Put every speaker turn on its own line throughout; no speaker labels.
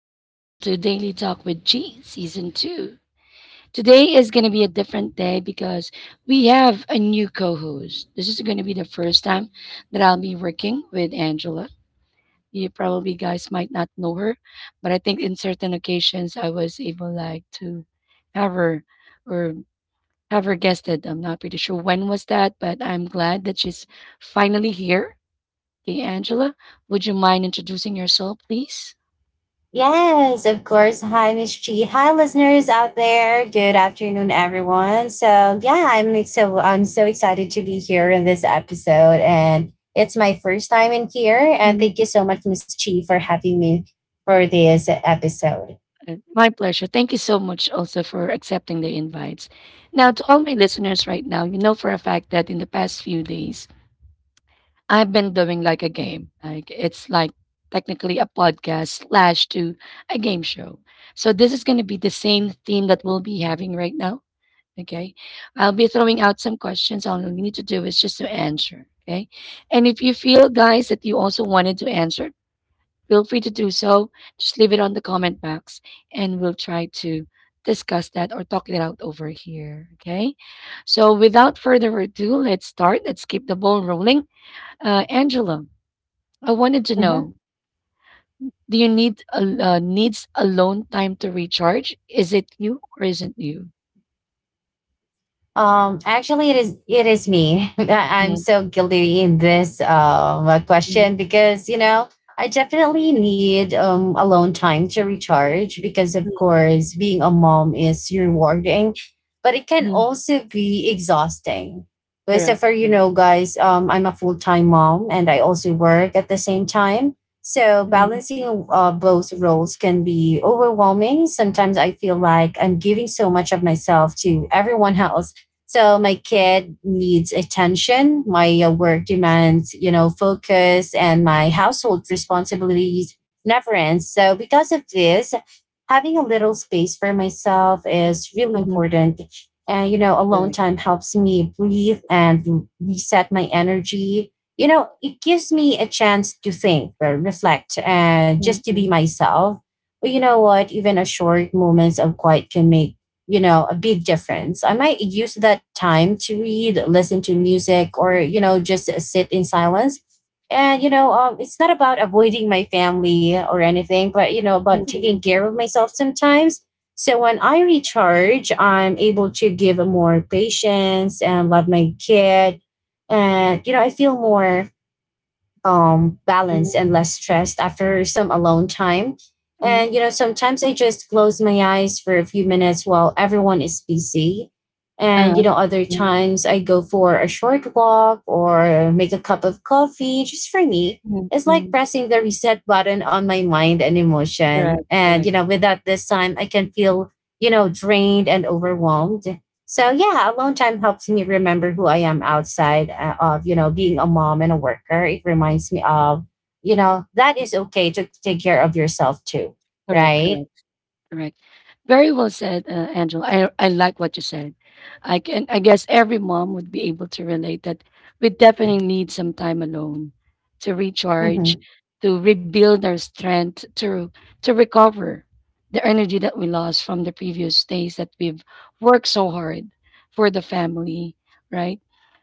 and welcome to Daily Talk with G Season 2. Today is going to be a different day because we have a new co host. This is going to be the first time that I'll be working with Angela. You probably guys might not know her, but I think in certain occasions I was able like to have her or have her guested. I'm not pretty sure when was that, but I'm glad that she's finally here. Okay, Angela, would you mind introducing yourself, please?
Yes, of course. Hi, Miss G. Hi, listeners out there. Good afternoon, everyone. So yeah, I'm so excited to be here in this episode, and it's my first time in here. And
Mm.
thank you so much, Miss G, for having me for this episode.
My pleasure. Thank you so much also for accepting the invites. Now, to all my listeners right now, you know for a fact that in the past few days, I've been doing like a game. Like it's like technically a podcast slash to a game show. So this is going to be the same theme that we'll be having right now. Okay. I'll be throwing out some questions. All you need to do is just to answer. Okay. And if you feel, guys, that you also wanted to answer, feel free to do so. Just leave it on the comment box and we'll try to discuss that or talk it out over here. Okay. So without further ado, let's start. Let's keep the ball rolling. Angela, I wanted to
Mm-hmm.
know do you need a, needs alone time to recharge? Is it you or isn't you?
Actually, it is me. I, I'm
Mm.
so guilty in this
Mm.
question because I definitely need alone time to recharge because of
Mm.
course being a mom is rewarding, but it can
Mm.
also be exhausting. But so
Correct.
for
Correct.
guys, I'm a full time mom and I also work at the same time. So
Mm.
balancing both roles can be overwhelming. Sometimes I feel like I'm giving so much of myself to everyone else, so my kid needs attention. My work demands, you know, focus, and my household responsibilities never ends. So because of this, having a little space for myself is really
Mm.
important. And, you know, alone
Correct.
time helps me breathe and reset my energy. You know, it gives me a chance to think, reflect, and
Mm.
just to be
Mm.
myself. But you know what? Even a short moments of quiet can make, you know, a big difference. I might use that time to read, listen to music, or, you know, just sit in silence. And it's not about avoiding my family or anything, but you know about taking
Mm.
care of myself sometimes. So when I recharge, I'm able to give more patience and love my kid, and you know I feel more
Mm.
balanced
Mm.
and less stressed after some alone time.
Mm.
And, you know, sometimes I just close my eyes for a few minutes while everyone is busy.
Uh,
And, you know, other
mm.
times I go for a short walk or make a cup of coffee just for me.
Mm.
It's like
Mm.
pressing the reset button on my mind and emotion.
Correct.
And, you
Correct.
know, without this time, I can feel, you know, drained and overwhelmed. So yeah, alone time helps me remember who I am outside of, you know, being a mom and a worker. It reminds me of, you know, that is okay to take care of yourself too,
Correct,
right?
correct, correct. Very well said, Angela. I like what you said. I can I guess every mom would be able to relate that we definitely need some time alone to recharge,
Mm-hmm.
to rebuild our strength, to recover the energy that we lost from the previous days that we've worked so hard for the family, right?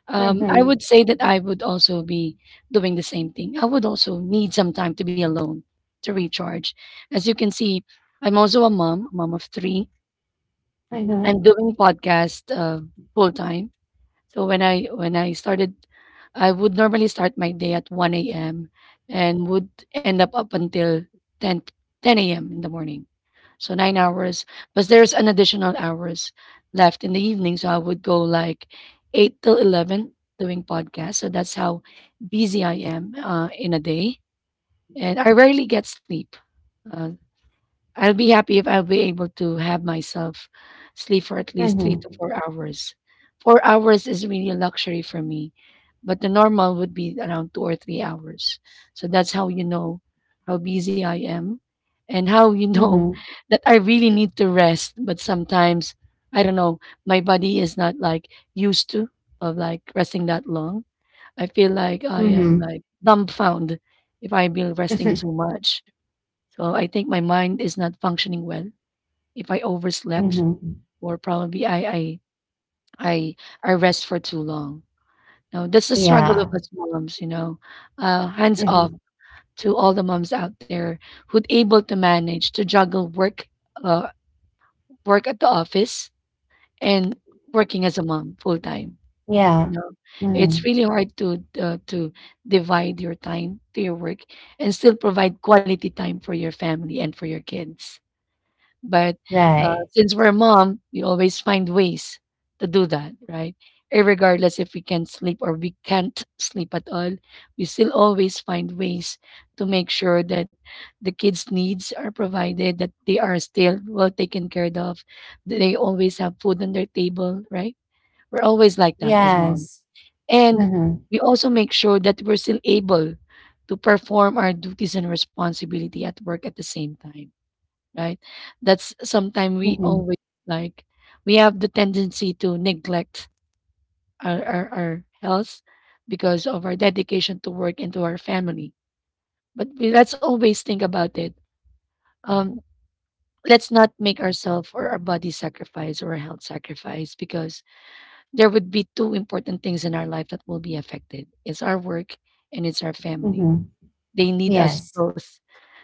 I
Mm-hmm.
would say that I would also be doing the same thing. I would also need some time to be alone to recharge. As you can see, I'm also a mom, mom of three.
Mm-hmm.
I'm doing podcast full time. So when I started, I would normally start my day at 1 a.m. and would end up until 10 10 a.m. in the morning. So 9 hours, but there's an additional hours left in the evening. So I would go like 8 till 11 doing podcast. So that's how busy I am in a day, and I rarely get sleep. Uh, I'll be happy if I'll be able to have myself sleep for at least three to
Mm-hmm.
four hours. 4 hours is really a luxury for me, but the normal would be around 2 or 3 hours. So that's how you know how busy I am and how you know
Mm-hmm.
that I really need to rest. But sometimes, I don't know, my body is not like used to of like resting that long. I feel like I am
Mm-hmm.
like dumbfounded if I be resting
Mm-hmm.
too much. So I think my mind is not functioning well. If I overslept,
Mm-hmm.
or probably I, I rest for too long. Now that's the struggle
Yeah.
of us moms. Hands off
Mm-hmm.
to all the moms out there who'd able to manage to juggle work, uh, work at the office and working as a mom full time. You
Yeah.
know,
Mm-hmm.
it's really hard to to divide your time to your work and still provide quality time for your family and for your kids. But
Right.
since we're a mom, we always find ways to do that, right? Irregardless if we can sleep or we can't sleep at all, we still always find ways to make sure that the kids' needs are provided, that they are still well taken care of, that they always have food on their table, right? We're always like that as moms.
Yes.
And
Mm-hmm.
we also make sure that we're still able to perform our duties and responsibility at work at the same time, right? That's sometimes we
Mm-hmm.
always like we have the tendency to neglect our health because of our dedication to work and to our family. But we, let's always think about it. Um, let's not make ourselves or our body sacrifice or our health sacrifice because there would be two important things in our life that will be affected. It's our work and it's our family.
Mm-hmm.
They need us
Yes.
both.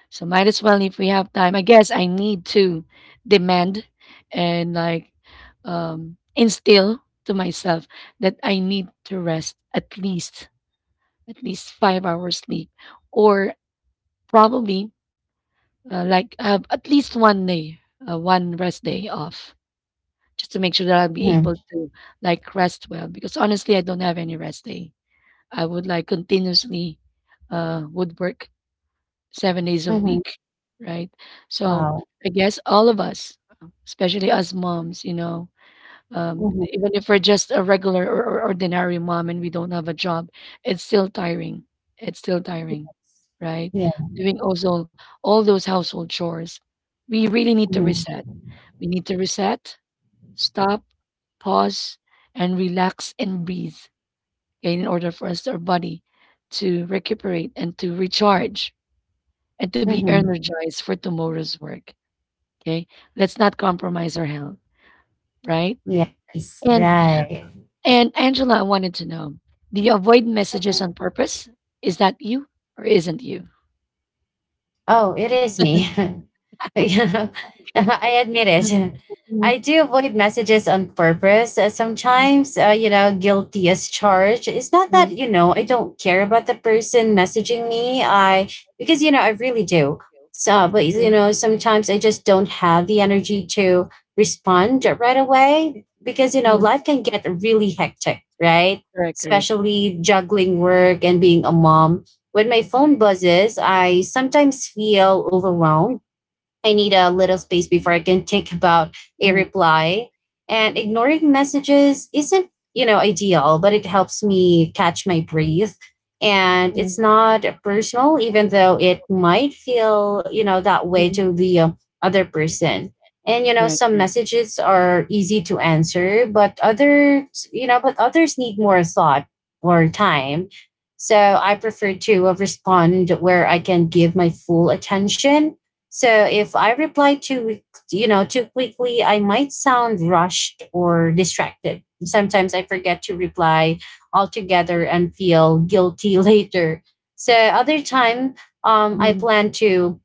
So might as well if we have time. I guess I need to demand and like instill to myself that I need to rest at least 5 hours sleep, or probably like have at least one day, one rest day off, just to make sure that I'll be
Mm-hmm.
able to like rest well. Because honestly, I don't have any rest day. I would like continuously would work 7 days a
Mm-hmm.
week, right? So,
Wow.
I guess all of us, especially us moms, you know,
Mm-hmm.
even if we're just a regular or ordinary mom and we don't have a job, it's still tiring. It's still tiring, right?
Yeah.
Doing also all those household chores. We really need to
Mm-hmm.
reset. We need to reset, stop, pause, and relax and breathe okay, in order for us, our body, to recuperate and to recharge and to be
Mm-hmm.
energized for tomorrow's work. Okay. Let's not compromise our health, right?
Yes,
And
right.
and Angela, I wanted to know, do you avoid messages on purpose? Is that you or isn't you?
Oh, it is me. You
Okay.
I admit
Mm.
it.
Mm.
I do avoid messages on purpose.
Mm.
Sometimes, you know, guilty as charged. It's not that, you know, I don't care about the person messaging me. Because, you know, I really do. So, but, you
Mm.
know, sometimes I just don't have the energy to respond right away because, you know,
Mm.
life can get really hectic, right?
Correct, correct.
Especially juggling work and being a mom. When my phone buzzes, I sometimes feel overwhelmed. I need a little space before I can think about a
Mm.
reply. And ignoring messages isn't, you know, ideal, but it helps me catch my breath. And it's not personal, even though it might feel, you know, that way to the other person. And you know,
Correct,
some
correct.
messages are easy to answer, but but others need more thought or time. So I prefer to respond where I can give my full attention, so if I reply too, weak- you know, too quickly, I might sound rushed or distracted. Sometimes I forget to reply altogether and feel guilty later. So other time, I
Mm.
plan to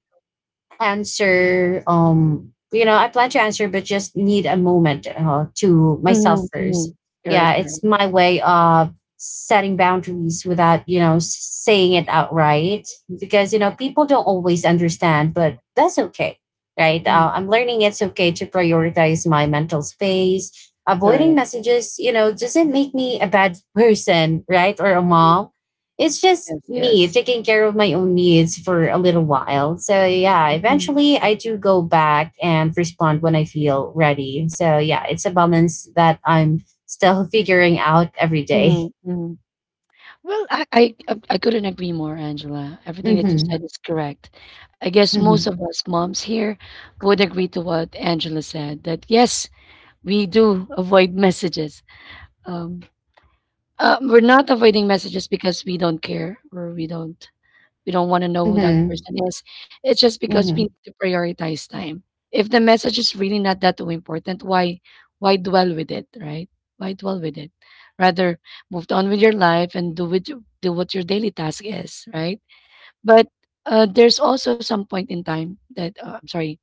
answer you know I plan to answer but just need a moment to myself
Mm.
first.
Mm.
Yeah,
Correct, correct.
it's my way of setting boundaries without saying it outright, because people don't always understand, but that's okay, right?
Mm.
I'm learning it's okay to prioritize my mental space. Avoiding
Correct.
messages doesn't make me a bad person, right, or a mom. It's just
Yes,
me
yes.
taking care of my own needs for a little while. So yeah,
Mm.
eventually I do go back and respond when I feel ready. So yeah, it's a balance that I'm still figuring out every day.
Mm. Mm. Well, I couldn't agree more, Angela. Everything that you
Mhm.
said is correct. I guess most
Mhm.
of us moms here would agree to what Angela said, that yes, we do avoid messages. Um, we're not avoiding messages because we don't care or we don't want to know who that
Mhm.
person is. It's just because we
Mhm.
need to prioritize time. If the message is really not that important, why dwell with it, right? Why dwell with it? Rather move on with your life and do what your daily task is, right? But there's also some point in time that I'm sorry.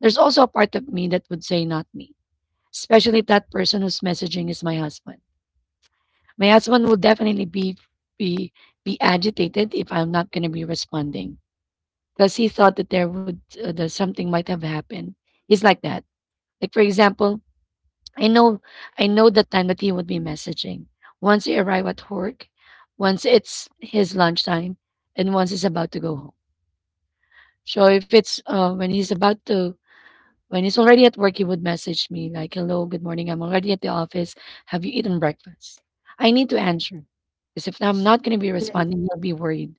There's also a part of me that would say not me, especially if that person who's messaging is my husband. My husband will definitely be be agitated if I'm not going to be responding because he thought that there would that something might have happened. He's like that. Like for example, I know I know the time that he would be messaging. Once he arrive at work, once it's his lunchtime, and once he's about to go home. So if it's when he's about to when he's already at work, he would message me like, "Hello, good morning. I'm already at the office. Have you eaten breakfast?" I need to answer because if I'm not going to be
Mhm.
responding, he'll be worried.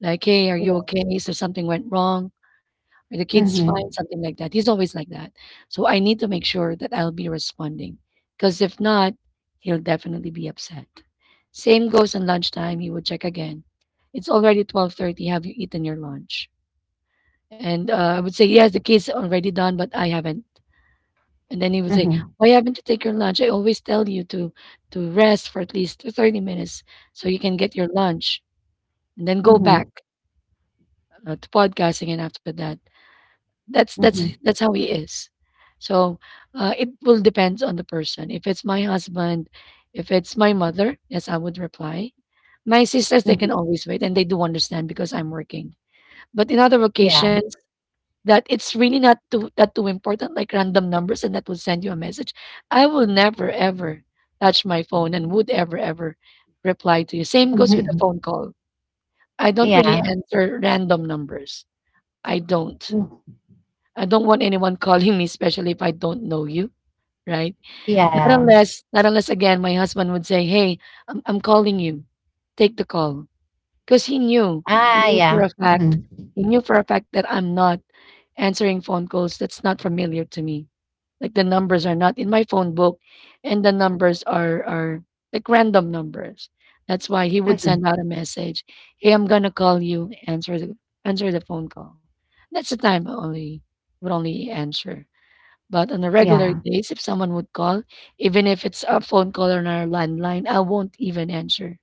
Like, "Hey, are you
Yeah.
okay? So something went wrong," or the kids find
Mhm.
something like that. He's always like that. So I need to make sure that I'll be responding because if not, he'll definitely be upset. Same goes on lunchtime. He would check again. It's already 12:30. Have you eaten your lunch? And I would say,
Mhm.
yes, the kid's already done, but I haven't. And then he would say,
Mhm.
why haven't you taken your lunch? I always tell you to rest for at least 30 minutes so you can get your lunch and then go
Mhm.
back to podcasting. And after that, That's that's
Mhm.
that's how he is. So, it will depends on the person. If it's my husband, if it's my mother, yes, I would reply. My sisters, they can
Mhm.
always wait, and they do understand because I'm working. But in other
Yeah.
occasions, that it's really not too that too important, like random numbers, and that will send you a message. I will never ever touch my phone and would ever ever reply to you. Same goes with the
Mhm.
phone call. I don't really
Yeah.
answer random numbers. I don't.
Mhm.
I don't want anyone calling me, especially if I don't know you, right? Not
Yeah.
unless, not unless again, my husband would say, "Hey, I'm calling you. Take the call." 'Cause he
Ah,
knew for a
yeah.
fact
Mhm.
that I'm not answering phone calls that's not familiar to me. Like, the numbers are not in my phone book, and the numbers are, like, random numbers. That's why he would
Mhm.
send out a message, "Hey, I'm gonna call you. Answer the phone call." That's the time I only would only answer. But on a regular
Yeah.
days, if someone would call, even if it's a phone call on our landline, I won't even answer.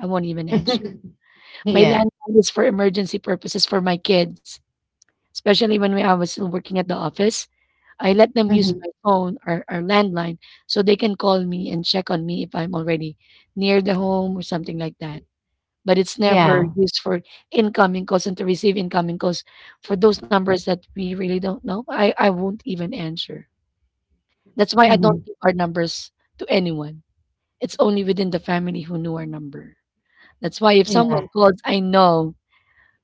I won't even answer. My
Yeah.
landline is for emergency purposes for my kids, especially when we I was still working at the office. I let them use
Mhm.
my phone or landline so they can call me and check on me if I'm already near the home or something like that. But it's never
Yeah.
used for incoming calls and to receive incoming calls for those numbers that we really don't know. I won't even answer. That's why I don't
Mhm.
give our numbers to anyone. It's only within the family who knew our number. That's why if
Yeah,
someone calls,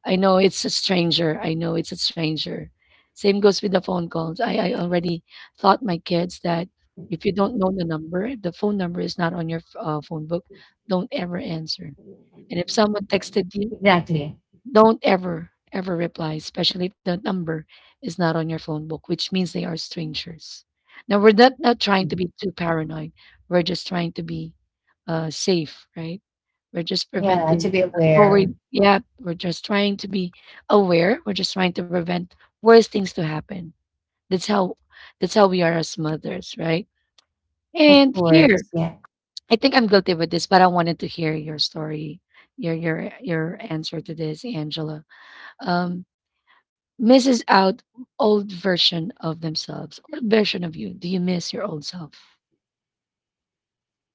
I know it's a stranger. Same goes with the phone calls. I already taught my kids that if you don't know the number, if the phone number is not on your phone book, don't ever answer. And if someone texted you,
exactly.
don't ever, ever reply, especially if the number is not on your phone book, which means they are strangers. Now, we're not trying to
Mhm.
be too paranoid. We're just trying to be safe, right? We're just
Yeah, to
preventing
be aware,
untoward. Yeah, we're just trying to be aware. We're just trying to prevent worse things to happen. That's how that's how we are as mothers, right?
of
And
course.
here,
Yeah.
I think I'm guilty with this, but I wanted to hear your story, your answer to this, Angela. Um, Misses out old version of themselves. What version of you do you miss your old self?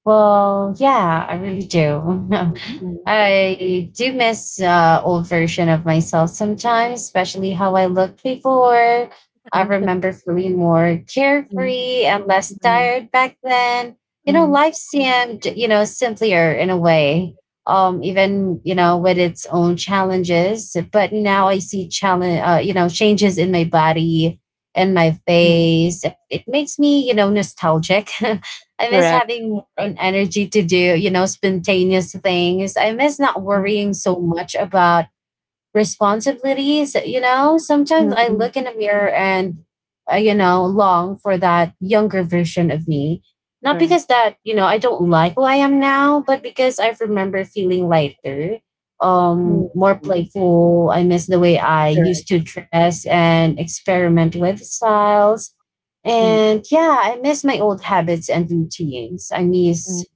Well, yeah, I really do.
Mhm.
I do miss old version of myself sometimes, especially how I looked before. I
Mhm.
remember feeling more
Mhm.
carefree and less
Mhm.
tired back then. You know,
Mhm.
life seemed, you know, simpler in a way. Even you know, with its own challenges. But now I see changes in my body and my
Mhm.
face. It makes me, you know, nostalgic. I miss
Correct.
having an energy to do, you know, spontaneous things. I miss not
Mhm.
worrying so much about responsibilities. You know, sometimes I
Mhm.
look in the mirror and long for that younger version of me, not
Correct.
because that you know I don't like who I am now, but because I remember feeling lighter,
Mhm.
more
Mhm.
playful. I miss the way I used
Correct.
to dress and experiment with styles,
Mhm.
and yeah, I miss my old habits and routines. I
Mhm.
miss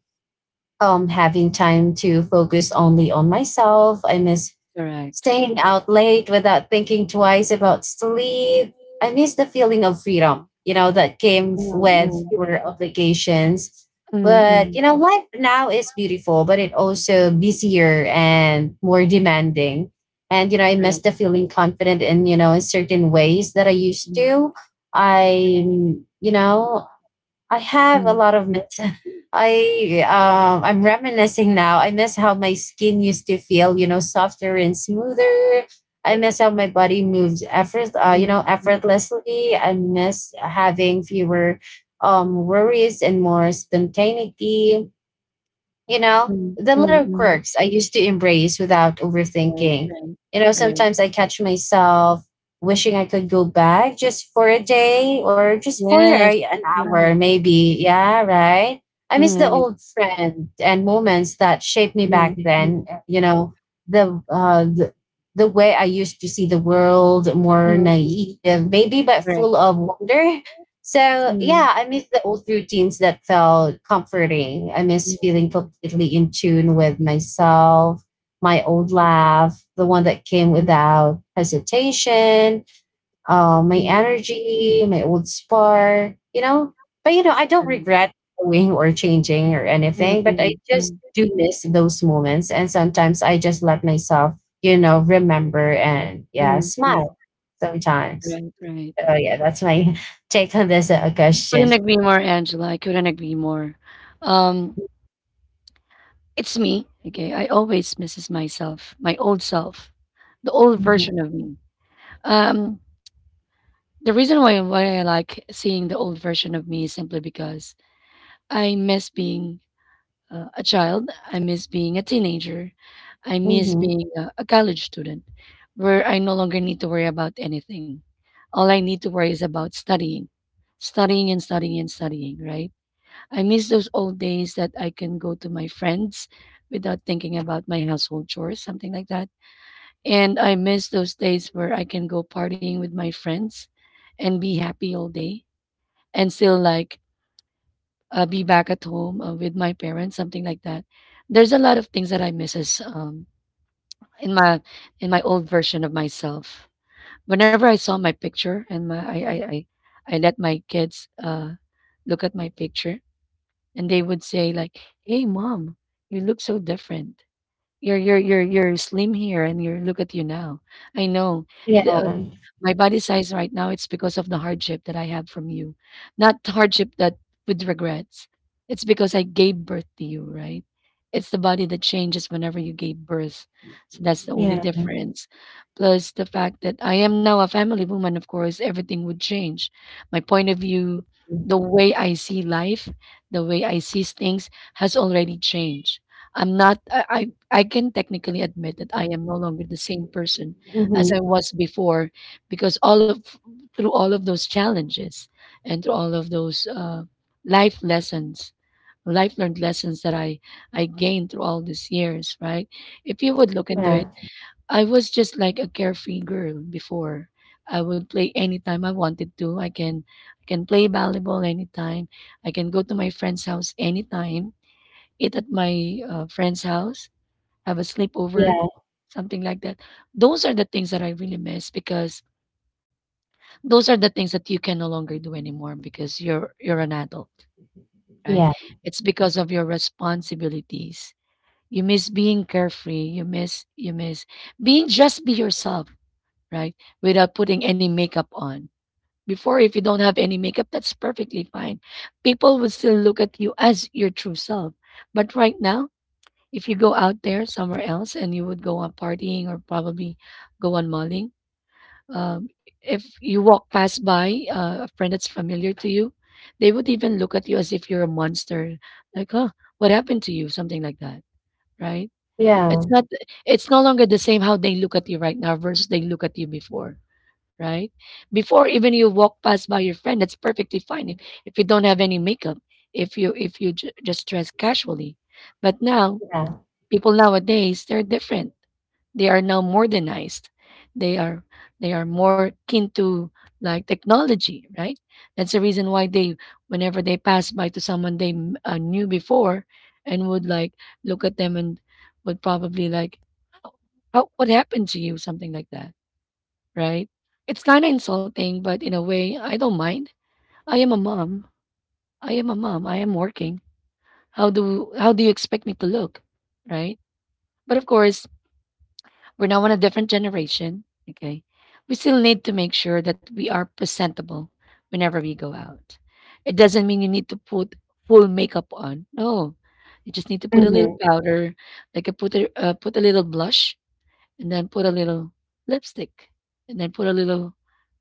having time to focus only on myself. I miss
Correct.
staying out late without thinking twice about sleep. I miss the feeling of freedom, you know, that came with
Mhm.
fewer obligations. But,
Mhm.
you know, life now is beautiful, but it also busier and more demanding. And, you know, I
Mhm.
miss
Mhm.
the feeling confident in, you know, in certain ways that I used
Correct.
to. I, you know, I
Mhm.
have a
Mhm.
lot of myths. I'm reminiscing now. I miss how my skin used to feel, you know, softer and smoother. I miss how my body moves
Mhm. Mhm.
effortlessly. I miss having fewer worries and more spontaneity. You know,
Mhm.
the little
Mhm.
quirks I used to embrace without
Right.
overthinking.
Right.
You know,
Right.
sometimes I catch myself wishing I could go back just for a day or just for
Yes.
an
Right.
hour maybe, yeah, right. I miss
Mhm.
the
Right.
old friend and moments that shaped me back
Mhm.
then,
Mhm.
you know. The uh the, the way I used to see the world, more
Mhm.
naive maybe, but
Correct.
full of wonder. So yeah,
Mhm.
I miss the old routines that felt comforting. I miss
Mhm.
feeling completely in tune with myself, my old laugh, the one that came
Mhm.
without hesitation, my
Mhm.
energy, my old spark, you know. But you know, I don't
Correct.
regret going or changing or
Mm,
anything, but I
mm,
just
mm,
do miss those moments. And sometimes I just let myself, you know, remember and yeah,
mm,
smile
mm.
sometimes.
Right, right.
Oh yeah, that's my take on this
Couldn't
question.
agree more, Angela. I couldn't agree more. Um, it's me. Okay, I always misses myself, my old self, the old
Hmm.
version of me. Um, the reason why I like seeing the old version of me is simply because I miss being a child. I miss being a teenager. I miss
Hmm.
being a college student where I no longer need to worry about anything. All I need to worry is about studying, studying and studying and studying, right? I miss those old days that I can go to my friends without thinking about my household chores, something like that. And I miss those days where I can go partying with my friends and be happy all day and still like be back at home with my parents, something like that. There's a lot of things that I misses in my old version of myself. Whenever I saw my picture and my I let my kids look at my picture, and they would say like, "Hey, mom, you look so different. You're slim here, and you look at you now. I know."
Yeah,
The, my body size right now, it's because of the hardship that I have from you, not hardship that with regrets. It's because I gave birth to you, right? It's the body that changes whenever you gave birth. So that's the only
yeah.
difference. Plus the fact that I am now a family woman, of course, everything would change. My point of view, the way I see life, the way I see things has already changed. I'm not I I can technically admit that I am no longer the same person as I
Hmm.
was before because all of through all of those challenges and through all of those life lessons, life learned lessons that I gained through all these years, right? If you would look into
Yeah,
it, I was just like a carefree girl before. I would play anytime I wanted to. I can play volleyball anytime. I can go to my friend's house anytime, eat at my friend's house, have a sleepover,
yeah,
something like that. Those are the things that I really miss because those are the things that you can no longer do anymore because you're an adult, right?
yeah,
It's because of your responsibilities. You miss being carefree. You miss being just be yourself, right? Without putting any makeup on. Before, if you don't have any makeup, that's perfectly fine. People will still look at you as your true self. But right now, if you go out there somewhere else and you would go on partying or probably go on mulling, um, if you walk past by a friend that's familiar to you, they would even look at you as if you're a monster, like, huh, what happened to you? Something like that, right?
yeah,
It's not. It's no longer the same how they look at you right now versus they look at you before, right? Before even you walk past by your friend, that's perfectly fine if you don't have any makeup, if you just dress casually, but now
yeah.
people nowadays, they're different. They are now modernized. they are they are more keen to like technology, right? That's the reason why they, whenever they pass by to someone they knew before, and would like look at them and would probably like, "Oh, how, what happened to you," something like that, right? It's kind of insulting, but in a way I don't mind. i am a mom I am a mom, I am working. How do you expect me to look, right? But of course, we're now on a different generation. Okay. We still need to make sure that we are presentable whenever we go out. It doesn't mean you need to put full makeup on. No. You just need to put a little
Hmm.
powder, like a put a little blush, and then put a little lipstick, and then put a little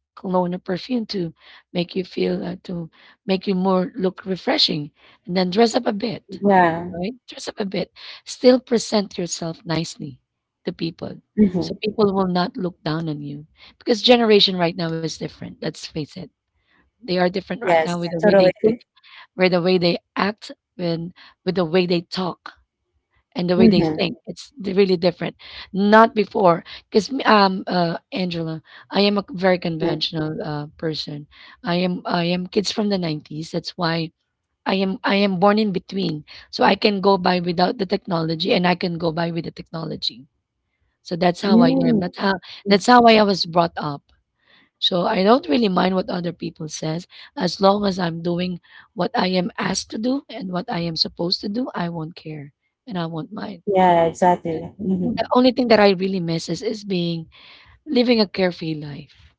cologne or perfume to make you feel to make you more look refreshing, and then dress up a bit,
Yeah.
right? Dress up a bit. Still present yourself nicely to people. So
Hmm.
people will not look down on you. Because generation right now is different. Let's face it. They are different right now with
Yes,
the way
totally
they think,
agree.
with the way they act, with, with the way they talk and the way they
Mm-hmm.
think. It's really different. Not before. Because Angela, I am a very conventional person. I am kids from the 90s. That's why I am born in between. So I can go by without the technology and I can go by with the technology. So that's how I am.
Mm.
That's how I was brought up. So I don't really mind what other people says, as long as I'm doing what I am asked to do and what I am supposed to do, I won't care and I won't mind.
Yeah, exactly. Hmm.
The only thing that I really miss is being living a carefree life.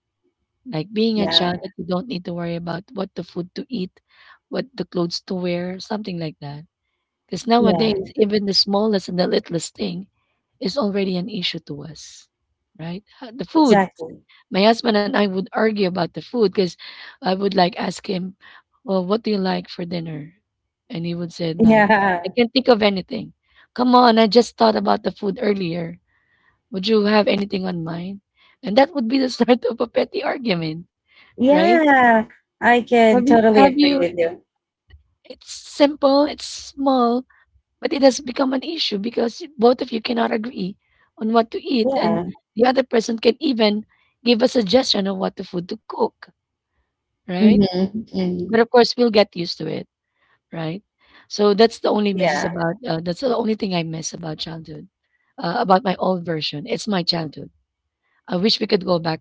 Like being a child
Yeah,
that you don't need to worry about what the food to eat, what the clothes to wear, something like that. Because
yeah,
nowadays, even the smallest and the littlest thing is already an issue to us, right? Ha- The food.
exactly.
My husband and I would argue about the food because I would like ask him, "Well, what do you like for dinner?" And he would say, "Like, I
Yeah,
can't think of anything. Come on, I just thought about the food earlier. Would you have anything on mind?" And that would be the start of a petty argument, right? Yeah.
yeah. I
Have
can
you?
totally
Have
agree
you?
with you.
It's simple. It's small. But it has become an issue because both of you cannot agree on what to eat, and
Yeah.
the other person can even give a suggestion of what the food to cook, right?
Hmm.
But
Hmm.
of course, we'll get used to it, right? So that's the only misses
Yeah.
about. That's the only thing I miss about childhood, about my old version. It's my childhood. I wish we could go back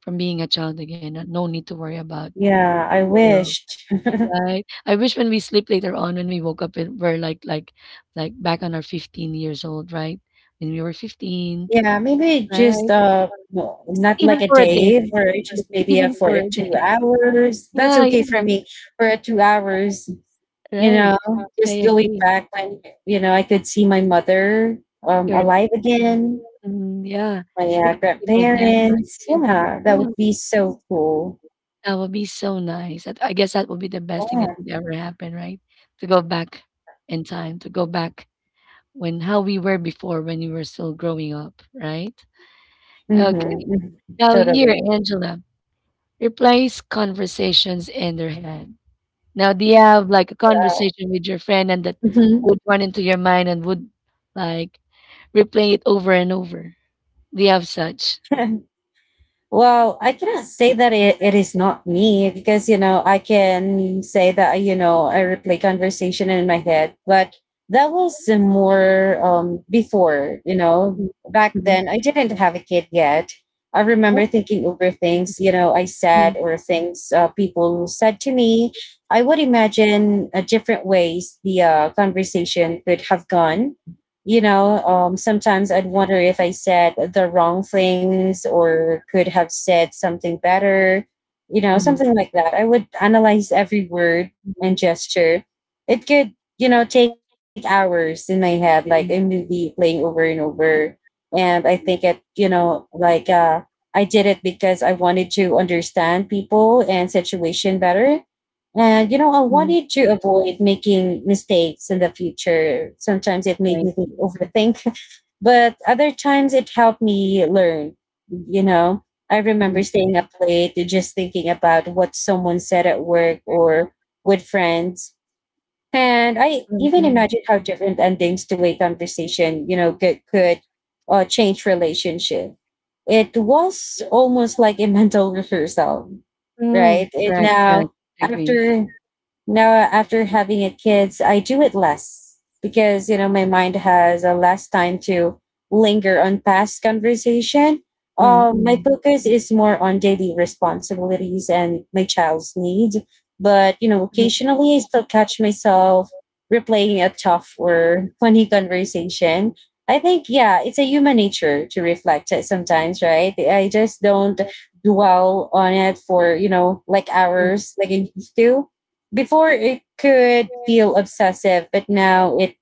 from being a child again, and no need to worry about.
Yeah, I wished.
Right? I wish when we sleep later on, when we woke up, it, we're like back on our 15 years old, right? When we were 15,
Yeah, maybe
right?
just no,
Just
not like
even
a
for a day,
day, or just
just
maybe
even for
for
a
the
day.
two hours. That's
Yeah,
okay for
yeah.
me. For a 2 hours, you
Right.
know,
I
just going
agree.
back when I could see my mother
You're right.
alive again,
Mm, yeah.
my
Yeah, see my dad not
grandparents.
even.
Yeah, that
Yeah.
would be so cool.
That would be so nice. That- I guess that would be the best thing that
Yeah.
would ever happen, right? To go back in time, to go back when how we were before when we were still growing up, right?
Mm-hmm.
Okay.
Mm-hmm.
Now here,
Totally.
Angela, replace conversations in their head. Now, do you have like a conversation with your friend and that
Hmm.
would run into your mind and would like replay it over and over? Do you have such?
Well, I cannot say that it is not me because, you know, I can say that, you know, I replay conversation in my head, but that was more before, you know,
Mm,
back
mhm.
then I didn't have a kid yet. I
Oh,
remember thinking over things, you know, I
mm,
said or things people said to me. I would imagine different ways the conversation could have gone. You know, sometimes I'd wonder if I said the wrong things or could have said something better, you know,
mm,
something like that. I would analyze every word and
mm,
gesture. It could, you know, take hours in my head, like a
mm,
movie playing over and over. And I think it, you know, like I did it because I wanted to understand people and situation better, and you know, I
mm.
wanted to avoid making mistakes in the future. Sometimes it made me
Right.
overthink, but other times it helped me learn. You know, I remember
Mm,
staying up late just thinking about what someone said at work or with friends. And I
mm,
even
mm.
imagined how different endings to a conversation, you know, could change relationship. It was almost like a mental rehearsal,
Mm,
right? It
correct, correct.
now
Agree.
after now after having a kids I do it less because, you know, my mind has a less time to linger on past conversation.
Mm,
My
mm,
focus is more on daily responsibilities and my child's needs, but you know occasionally I still catch myself replaying a tough or funny conversation. I think, yeah, it's a human nature to reflect it sometimes, right? I just don't dwell on it for, you know, like
mm, mm,
hours like I used to. Before it could feel obsessive, but now it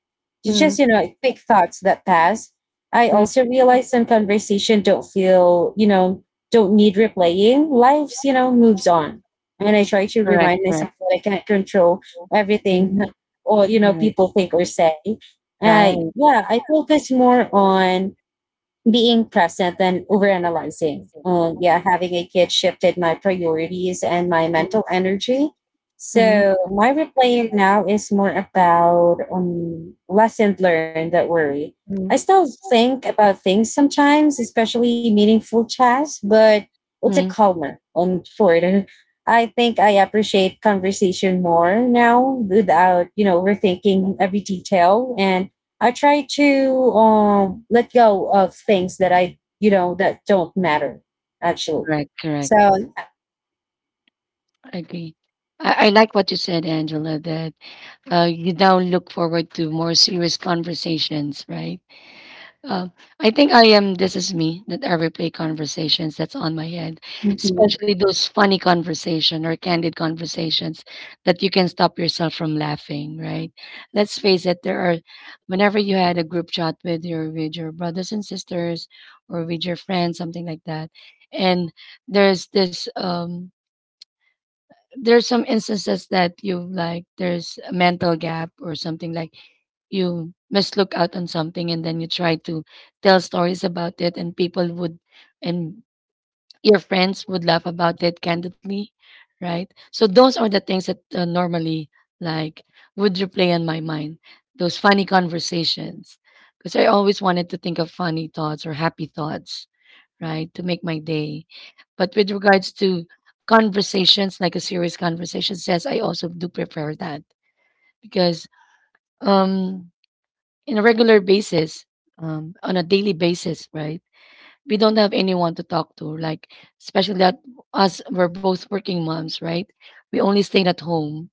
it's just,
mm,
you know, quick thoughts that pass. I also
mm.
realize some conversation don't feel, you know, don't need replaying. Life's, you know, moves on. And I try to
Correct,
remind
correct.
myself that I can't control
So
everything
mhm,
or, you know,
correct.
people think or say.
Right.
Yeah, I focus more on being present than overanalyzing. Yeah, having a kid shifted my priorities and my
Mm.
mental energy.
Mhm,
So my replaying now is more about lesson learned that worry. I
mhm,
still think about things sometimes, especially meaningful chats, but it's a
mhm.
calmer on shorter. I think I appreciate conversation more now without, you know, overthinking every detail, and I try to let go of things that you know, that don't matter, actually.
Correct, correct.
So,
I agree. I like what you said, Angela, that you now look forward to more serious conversations, right? Um, I think I am this is me that I replay conversations that's on my head,
mm-hmm,
especially those funny conversation or candid conversations that you can stop yourself from laughing, right? Let's face it, there are whenever you had a group chat with your brothers and sisters or with your friends, something like that, and there's this there's some instances that you like there's a mental gap or something like you mislook out on something and then you try to tell stories about it and people would and your friends would laugh about it candidly, right? So those are the things that normally like would replay on my mind, those funny conversations, because I always wanted to think of funny thoughts or happy thoughts, right, to make my day. But with regards to conversations, like a serious conversation, yes, I also do prefer that because um, in a regular basis, on a daily basis, right? We don't have anyone to talk to, like especially that us we're both working moms, right? We only stayed at home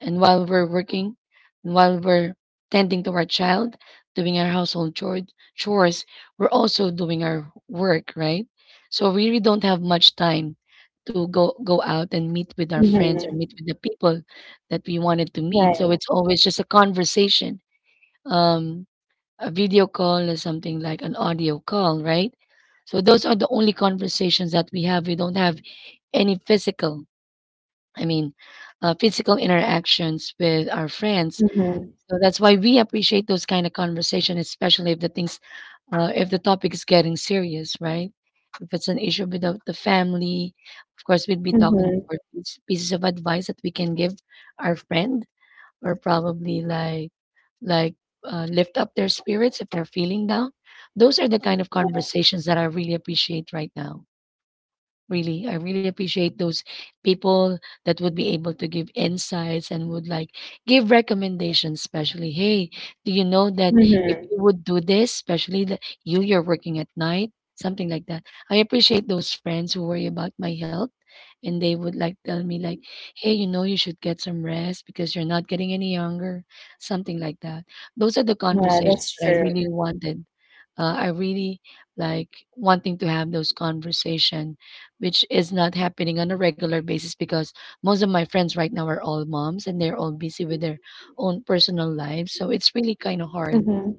and while we're working and while we're tending to our child, doing our household chores, we're also doing our work, right? So we really don't have much time to go out and meet with our friends or
mm-hmm,
meet with the people that we wanted to meet,
right,
so it's always just a conversation, um a video call or something like an audio call, right? So those are the only conversations that we have. We don't have any physical, I mean, physical interactions with our friends.
mm-hmm,
So that's why we appreciate those kind of conversation, especially if the things, if the topic is getting serious, right? If it's an issue with the family, of course, we'd be talking
mm-hmm,
for pieces of advice that we can give our friend, or probably like lift up their spirits if they're feeling down. Those are the kind of conversations that I really appreciate right now. Really, I really appreciate those people that would be able to give insights and would like give recommendations. Especially, hey, do you know that if
mm-hmm.
you would do this, especially that you, you're working at night, something like that. I appreciate those friends who worry about my health, and they would like tell me like, hey, you know, you should get some rest because you're not getting any younger, something like that. Those are the
Yeah,
conversations
that's
that I really
true.
wanted. I really like wanting to have those conversation, which is not happening on a regular basis because most of my friends right now are all moms and they're all busy with their own personal lives. So it's really kind of hard
Mm-hmm,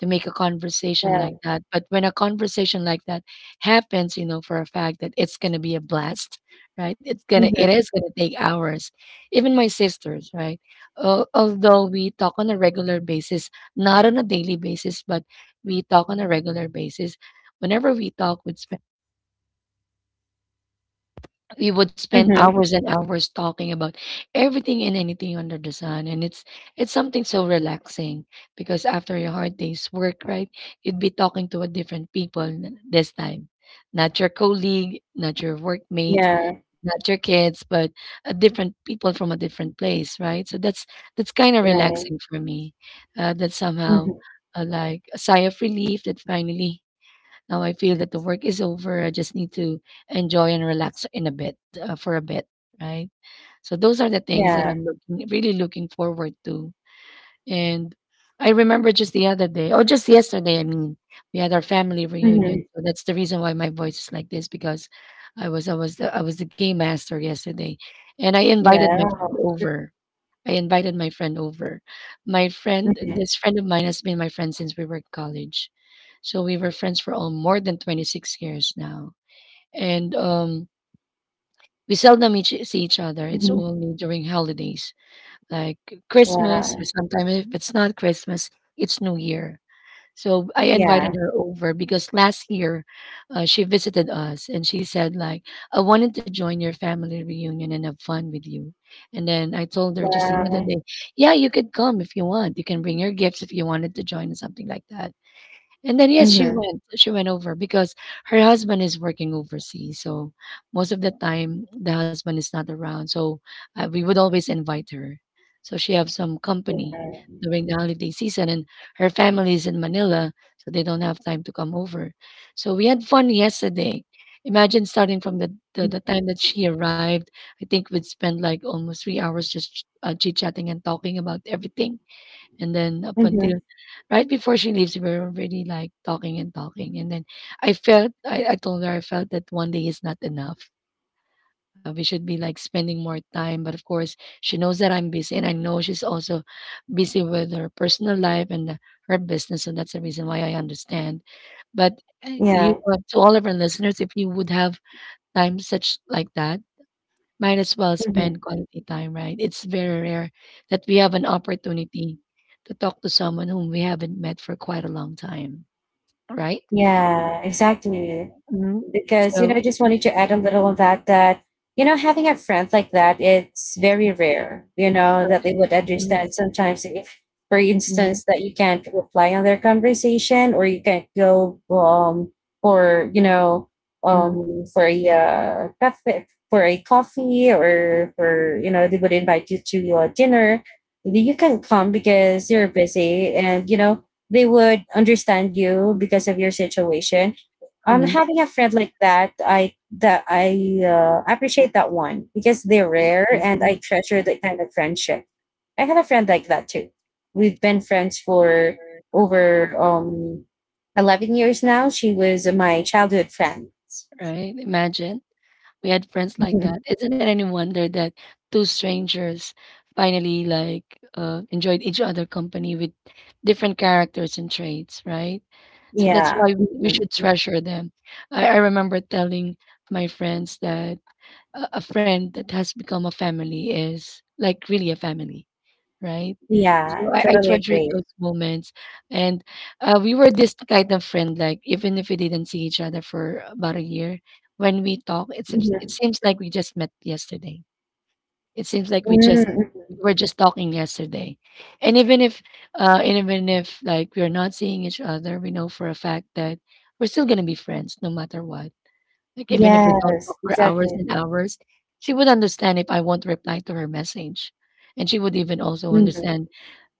to make a conversation
yeah,
like that. But when a conversation like that happens, you know for a fact that it's going to be a blast, right? It
mm-hmm,
is gonna take hours. Even my sisters, right? Although we talk on a regular basis, not on a daily basis, but we talk on a regular basis. Whenever we talk, we would spend
mm-hmm,
hours and hours talking about everything and anything under the sun. And it's something so relaxing because after your hard day's work, right, you'd be talking to a different people this time, not your colleague, not your workmate,
yeah,
not your kids, but a different people from a different place, right? So that's kind of
right,
relaxing for me, that somehow,
mm-hmm,
like a sigh of relief that finally now I feel that the work is over. I just need to enjoy and relax in a bit, for a bit, right? So those are the things that
yeah,
I'm looking, really looking forward to. And I remember just the other day, or just yesterday, I mean, we had our family reunion.
mm-hmm,
So that's the reason why my voice is like this, because I was the game master yesterday, and I invited my
yeah,
friend over I invited my friend over My friend,
mm-hmm,
this friend of mine has been my friend since we were in college. So we were friends for all more than 26 years now. And we seldom see each other. It's
mm-hmm,
only during holidays, like Christmas, or
wow,
sometimes if it's not Christmas, it's New Year. So I invited
yeah,
her over because last year she visited us and she said like, I wanted to join your family reunion and have fun with you. And then I told her just the other
wow,
day, yeah, you could come if you want. You can bring your gifts if you wanted to join or something like that. And then yes, she
mm-hmm,
went. She went over because her husband is working overseas. So most of the time, the husband is not around. So we would always invite her so she have some company
yeah,
during the holiday season, and her family is in Manila, so they don't have time to come over. So we had fun yesterday. Imagine starting from the time that she arrived. I think we'd spend like almost 3 hours just chit chatting and talking about everything, and then up
mm-hmm,
until right before she leaves, we were already like talking and talking. And then I felt, I told her, I felt that one day is not enough. We should be like spending more time. But of course, she knows that I'm busy. And I know she's also busy with her personal life and her business. And that's the reason why I understand. But you,
yeah,
to all of our listeners, if you would have time such like that, might as well spend
mm-hmm.
quality time, right? It's very rare that we have an opportunity to talk to someone whom we haven't met for quite a long time, right?
Yeah, exactly. Because, you know, I
So,
just wanted to add a little on that, you know, having a friend like that, it's very rare, you know, that
correct.
they would
Mm,
understand sometimes if, for
mm,
instance, that you can't reply on their conversation or you can't go for, you know, for a cafe, for a coffee or for, you know, they would invite you to your dinner. You can come because you're busy and, you know, they would understand you because of your situation.
mm,
Having a friend like that I appreciate that one because they're rare
yeah,
and
mm,
I treasure that kind of friendship. I had a friend like that too. We've been friends for over 11 years now. She was my childhood friend.
right? Imagine we had friends like
Mhm.
that. Isn't it any wonder that two strangers finally like enjoyed each other company with different characters and traits, right? So that's
Yeah,
why we should
mhm.
treasure them. I remember telling my friends that a friend that has become a family is like really a family, right?
Yeah,
So I
totally
treasure
agree.
those moments. And we were this kind of friend, like even if we didn't see each other for about a year, when we talk, it's it seems, it
Mhm.
seems like we just met yesterday. It seems like
Mm.
we were just talking yesterday. And even if and even if like we're not seeing each other, we know for a fact that we're still gonna be friends no matter what, like, even if we don't
Yes,
talk for hours
exactly.
and hours, she would understand if I won't reply to her message. And she would even also
Hmm.
understand,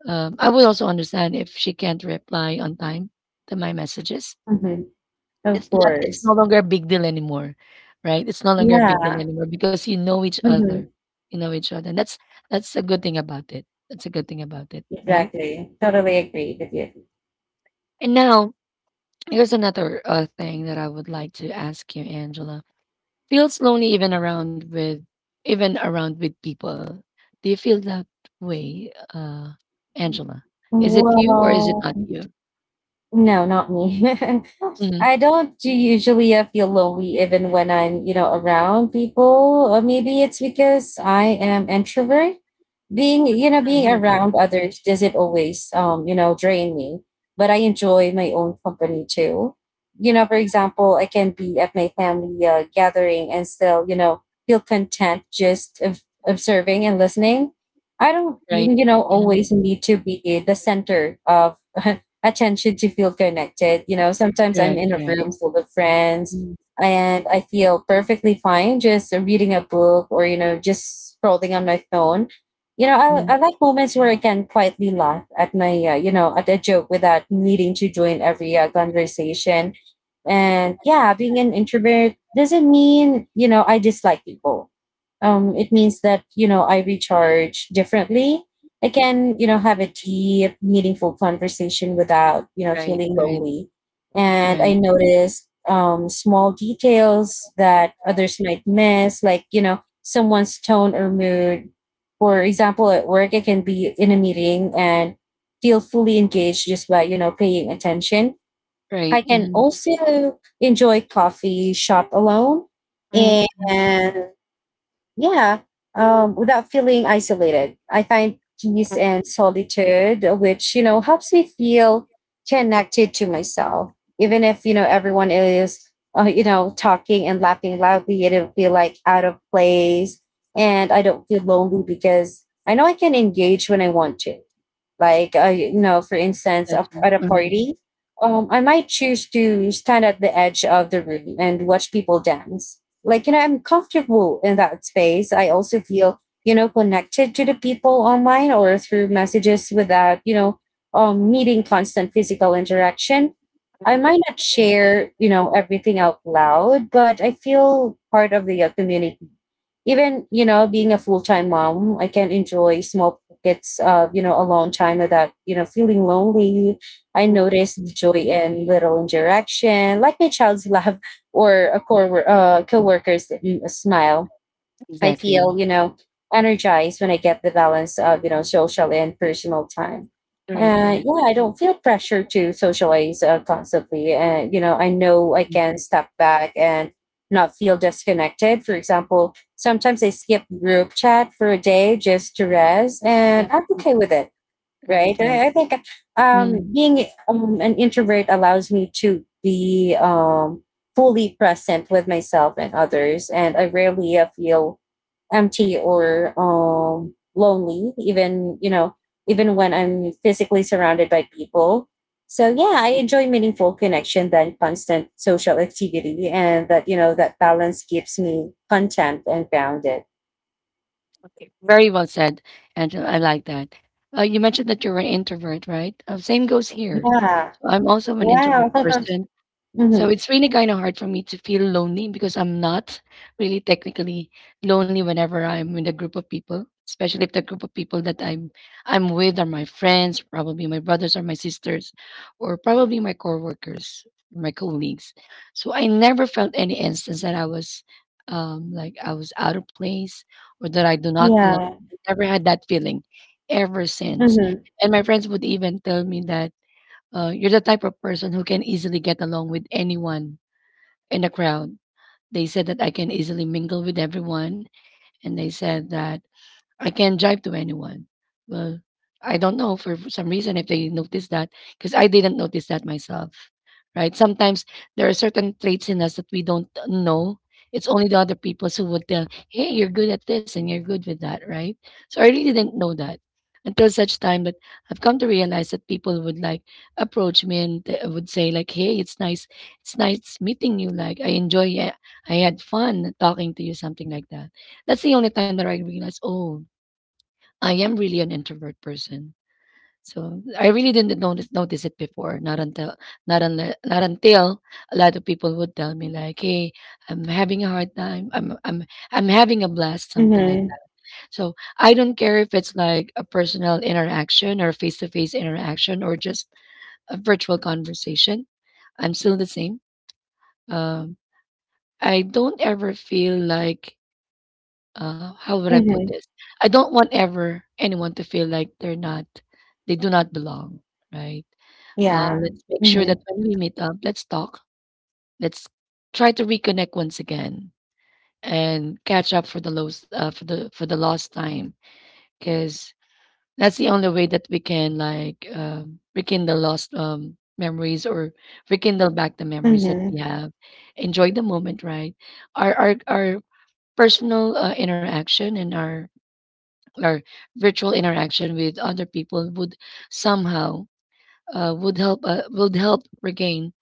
I would also understand if she can't reply on time to my messages.
Hmm. Of
It's not, it's
course.
no longer a big deal anymore, right? It's no longer a big deal
Yeah.
anymore because you know each other,
Mhm.
you know each other. And that's a good thing about it. That's a good thing about it, right?
Exactly. Totally agree with you.
And now, here's another thing that I would like to ask you, Angela. Feels lonely even around with people. Do you feel that way, Angela? Is it you or is it
Well,
not you?
no, not me.
Mhm,
I don't do usually feel lonely even when I'm, you know, around people. Or maybe it's because I am introvert. Being you know being
mhm,
around others doesn't always you know drain me, but I enjoy my own company too. You know, for example, I can be at my family gathering and still, you know, feel content just of observing and listening. I don't, you
right.
you know
Mhm,
always need to be the center of attention to feel connected. You know, sometimes I'm
correct.
in a
Correct.
room full of friends,
Mhm,
and I feel perfectly fine just reading a book or, you know, just scrolling on my phone. You know, I,
mhm,
I like moments where I can quietly laugh at you know, at a joke without needing to join every conversation. And
mhm,
yeah, being an introvert doesn't mean, you know, I dislike people. It means that, you know, I recharge differently. I can, you know, have a deep, meaningful conversation without, you know,
right.
feeling
Right.
lonely. And I
Right.
noticed small details that others might miss, like, you know, someone's tone or mood. For example, at work, I can be in a meeting and feel fully engaged just by, you know, paying attention.
Right.
I can
Mhm,
also enjoy coffee shop alone,
mhm, mhm,
and yeah, without feeling isolated. I find peace and solitude, which you know helps me feel connected to myself, even if you know everyone is you know talking and laughing loudly. I don't feel like out of place, and I don't feel lonely because I know I can engage when I want to. Like, you know, for instance,
gotcha.
at a
Mhm,
party, I might choose to stand at the edge of the room and watch people dance. Like, you know, I'm comfortable in that space. I also feel, you know, connected to the people online or through messages without, you know, needing constant physical interaction.
mhm,
I
right,
might not share, you know, everything out loud, but I feel part of the community. Even, you know, being a full-time mom, I can enjoy small gets, you know, a long time without, you know, feeling lonely. I noticed joy in little interaction, like my child's laugh or a core co-worker's smile. I
exactly.
feel, you know, energized when I get the balance of, you know, social and personal time.
Correct. Correct.
Yeah, I don't feel pressure to socialize constantly. And, you know I
Mhm,
can step back and not feel disconnected. For example, sometimes I skip group chat for a day just to rest,
uh,
and I'm
mm,
okay with it,
right.
right?
Right.
I think,
Mhm,
being an introvert allows me to be fully present with myself and others, and I rarely feel empty or lonely, even, you know, even when I'm physically surrounded by people. So yeah, I enjoy meaningful connection than constant social activity, and that, you know, that balance keeps me content and grounded.
okay. Very well said, Angela. I like that. You mentioned that you're an introvert, right? Same goes here.
Yeah.
I'm also an introvert
Wow.
person,
Hmm.
so it's really kind of hard for me to feel lonely because I'm not really technically lonely whenever I'm with a group of people, especially if the group of people that I'm with are my friends, probably my brothers or my sisters, or probably my coworkers, my colleagues. So I never felt any instance that I was like I was out of place or that I do not belong.
Yeah.
I never had that feeling ever since.
Hmm.
And my friends would even tell me that, you're the type of person who can easily get along with anyone in the crowd. They said that I can easily mingle with everyone, and they said that I can drive to anyone. Well, I don't know for some reason if they notice that because I didn't notice that myself, right? Sometimes there are certain traits in us that we don't know. It's only the other people who would tell, "Hey, you're good at this and you're good with that," right? So I really didn't know that until such time that I've come to realize that people would like approach me and they would say like, "Hey, it's nice meeting you. Like I enjoy, yeah, I had fun talking to you, something like that." That's the only time that I realized, oh, I am really an introvert person. So I really didn't notice it before. Not until not until a lot of people would tell me like, "Hey, I'm having a hard time. I'm having a blast," something like
Hmm.
that. So I don't care if it's like a personal interaction or face to face interaction or just a virtual conversation. I'm still the same. Um, I don't ever feel like how would I put
Hmm.
this? I don't want ever anyone to feel like they do not belong, right?
Yeah.
Let's make sure
Hmm.
that when we meet up, let's talk. Let's try to reconnect once again and catch up for the lost for the lost time, because that's the only way that we can rekindle lost memories or rekindle back the memories that we
Hmm.
have. Enjoy the moment, right? Our personal interaction and our or virtual interaction with other people would somehow would help regain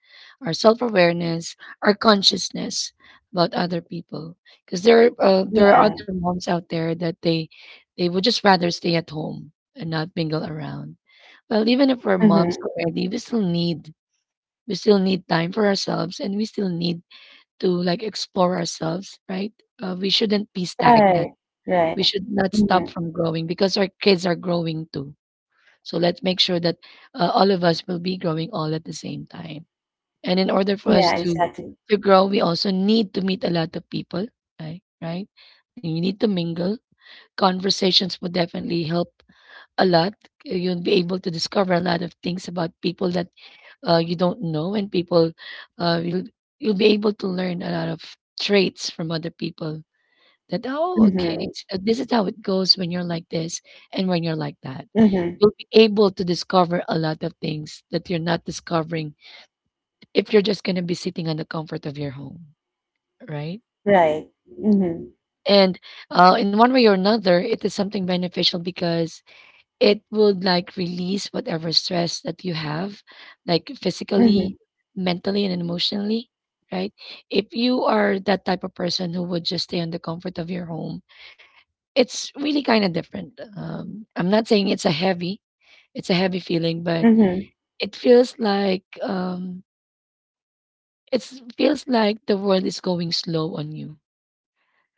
our self awareness, our consciousness about other people. Because there are
Yeah.
other moms out there that they would just rather stay at home and not mingle around. Well, even if we're moms
Hmm.
already, we still need time for ourselves, and we still need to like explore ourselves, right? We shouldn't be stagnant,
Right.
we
Right.
should not
Hmm.
stop from growing because our kids are growing too. So let's make sure that all of us will be growing all at the same time. And in order for us
Yeah,
to
exactly.
grow, we also need to meet a lot of people, right? Right? You need to mingle. Conversations would definitely help a lot. You'll be able to discover a lot of things about people that you don't know, and people uh, you'll you'll be able to learn a lot of traits from other people that, "Oh, okay,
Hmm.
so this is how it goes when you're like this and when you're like that."
Hmm.
You'll be able to discover a lot of things that you're not discovering if you're just gonna be sitting on the comfort of your home, right?
Right. Hmm.
And in one way or another, it is something beneficial because it would, like, release whatever stress that you have, like, physically,
Mhm,
mentally, and emotionally, right? If you are that type of person who would just stay on the comfort of your home, it's really kinda different. I'm not saying it's a heavy feeling, but
mhm,
it feels like, it's feels like the world is going slow on you.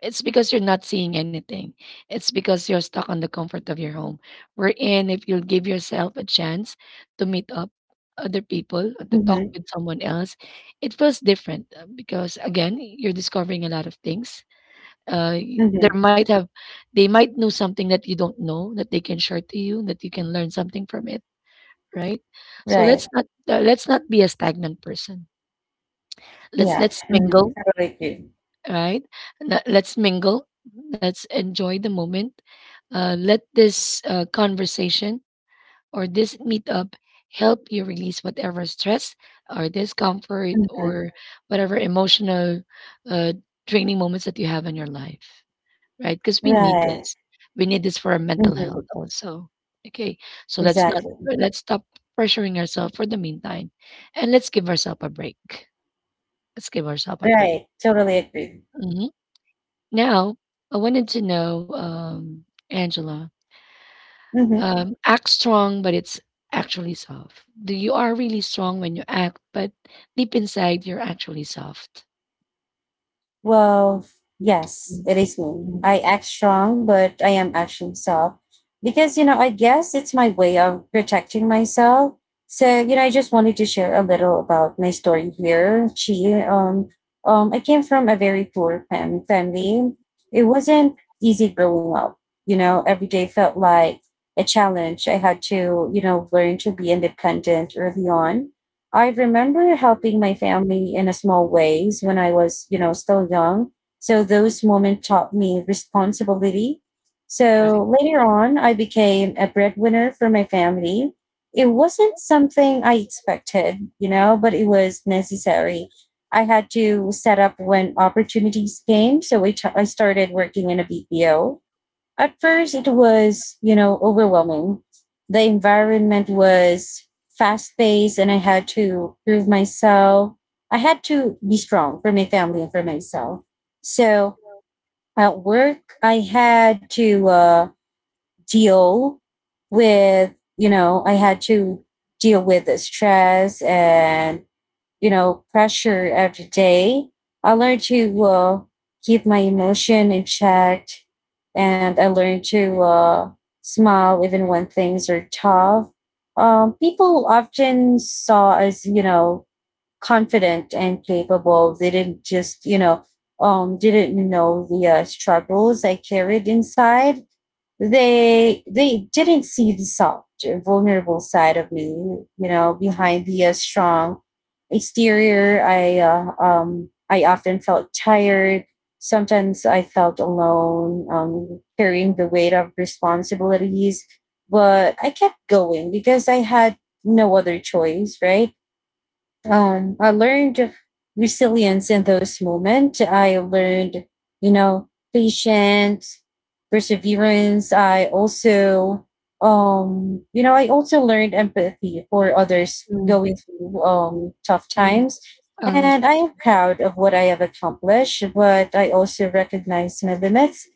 It's because you're not seeing anything. It's because you're stuck on the comfort of your home. Wherein if you'll give yourself a chance to meet up other people or to talk
mhm,
with someone else, it feels different, because again, you're discovering a lot of things. There
mhm.
might have. They might know something that you don't know that they can share to you that you can learn something from it, right. So
Right.
let's not be a stagnant person. let's
Yeah.
let's
Mhm.
mingle,
Totally agree.
right. Let's mingle, let's enjoy the moment. Let this conversation or this meetup help you release whatever stress or discomfort
Mhm.
or whatever emotional uh, draining moments that you have in your life, right? Because we need
Right.
this. We need this for our mental health
Mhm.
also. Okay, so let's not
Exactly.
let's stop pressuring ourselves for the meantime, and let's give ourselves a break. Let's give ourselves a break.
Right. Totally agree.
Hmm Now, I wanted to know, Angela,
Mhm.
Act strong, but it's actually soft. Do you are really strong when you act, but deep inside you're actually soft.
Well, yes,
Mm,
it is me.
mm.
I act strong, but I am actually soft because, you know, I guess it's my way of protecting myself. So, you know, I just wanted to share a little about my story here. I came from a very poor family. It wasn't easy growing up. You know, every day felt like a challenge. I had to, you know, learn to be independent early on. I remember helping my family in a small ways when I was, you know, still young. So those moments taught me responsibility.
Right.
So later on, I became a breadwinner for my family. It wasn't something I expected, you know, but it was necessary. I had to set up when opportunities came. So I started working in a BPO. At first, it was, you know, overwhelming. The environment was fast paced and I had to prove myself. I had to be strong for my family and for myself. So at work, I had to deal with, you know, I had to deal with the stress and, you know, pressure every day. I learned to keep my emotion in check, and I learned to smile even when things are tough. People often saw us, you know, confident and capable. They didn't didn't know the struggles I carried inside. They didn't see the soft vulnerable side of me, you know, behind the strong exterior. I often felt tired. Sometimes I felt alone, carrying the weight of responsibilities, but I kept going because I had no other choice, right? I learned resilience in those moments. I learned, you know, patience, perseverance. I also learned empathy for others going through tough times. And I am proud of what I have accomplished, but I also recognize my limits.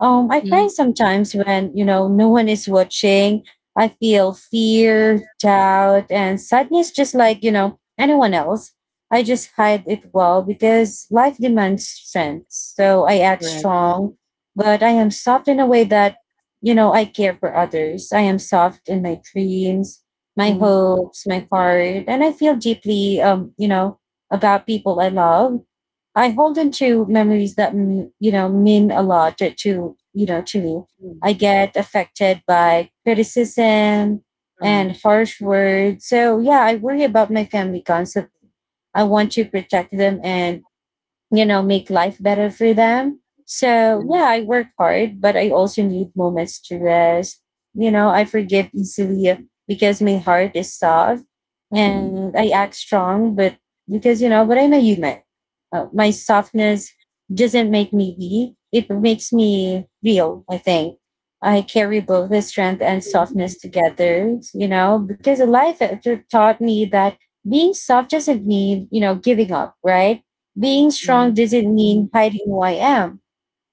I
Mm.
find sometimes when, you know, no one is watching, I feel fear, doubt, and sadness, just like, you know, anyone else. I just hide it well because life demands strength. So I act
Correct.
strong, but I am soft in a way that, you know, I care for others. I am soft in my dreams, my hopes, my heart, and I feel deeply, you know, about people I love. I hold on to memories that, you know, mean a lot to, you know, to me. I get affected by criticism,
Correct.
and harsh words. So yeah, I worry about my family constantly. I want to protect them and, you know, make life better for them. So yeah, I work hard, but I also need moments to rest. You know, I forgive easily because my heart is soft, and I act strong, but I'm a human. My softness doesn't make me weak. It makes me real, I think. I carry both the strength and
Mm, mm.
softness together, you know, because life taught me that being soft doesn't mean, you know, giving up, right? Being strong
Right.
doesn't
Mm,
mean hiding who I am.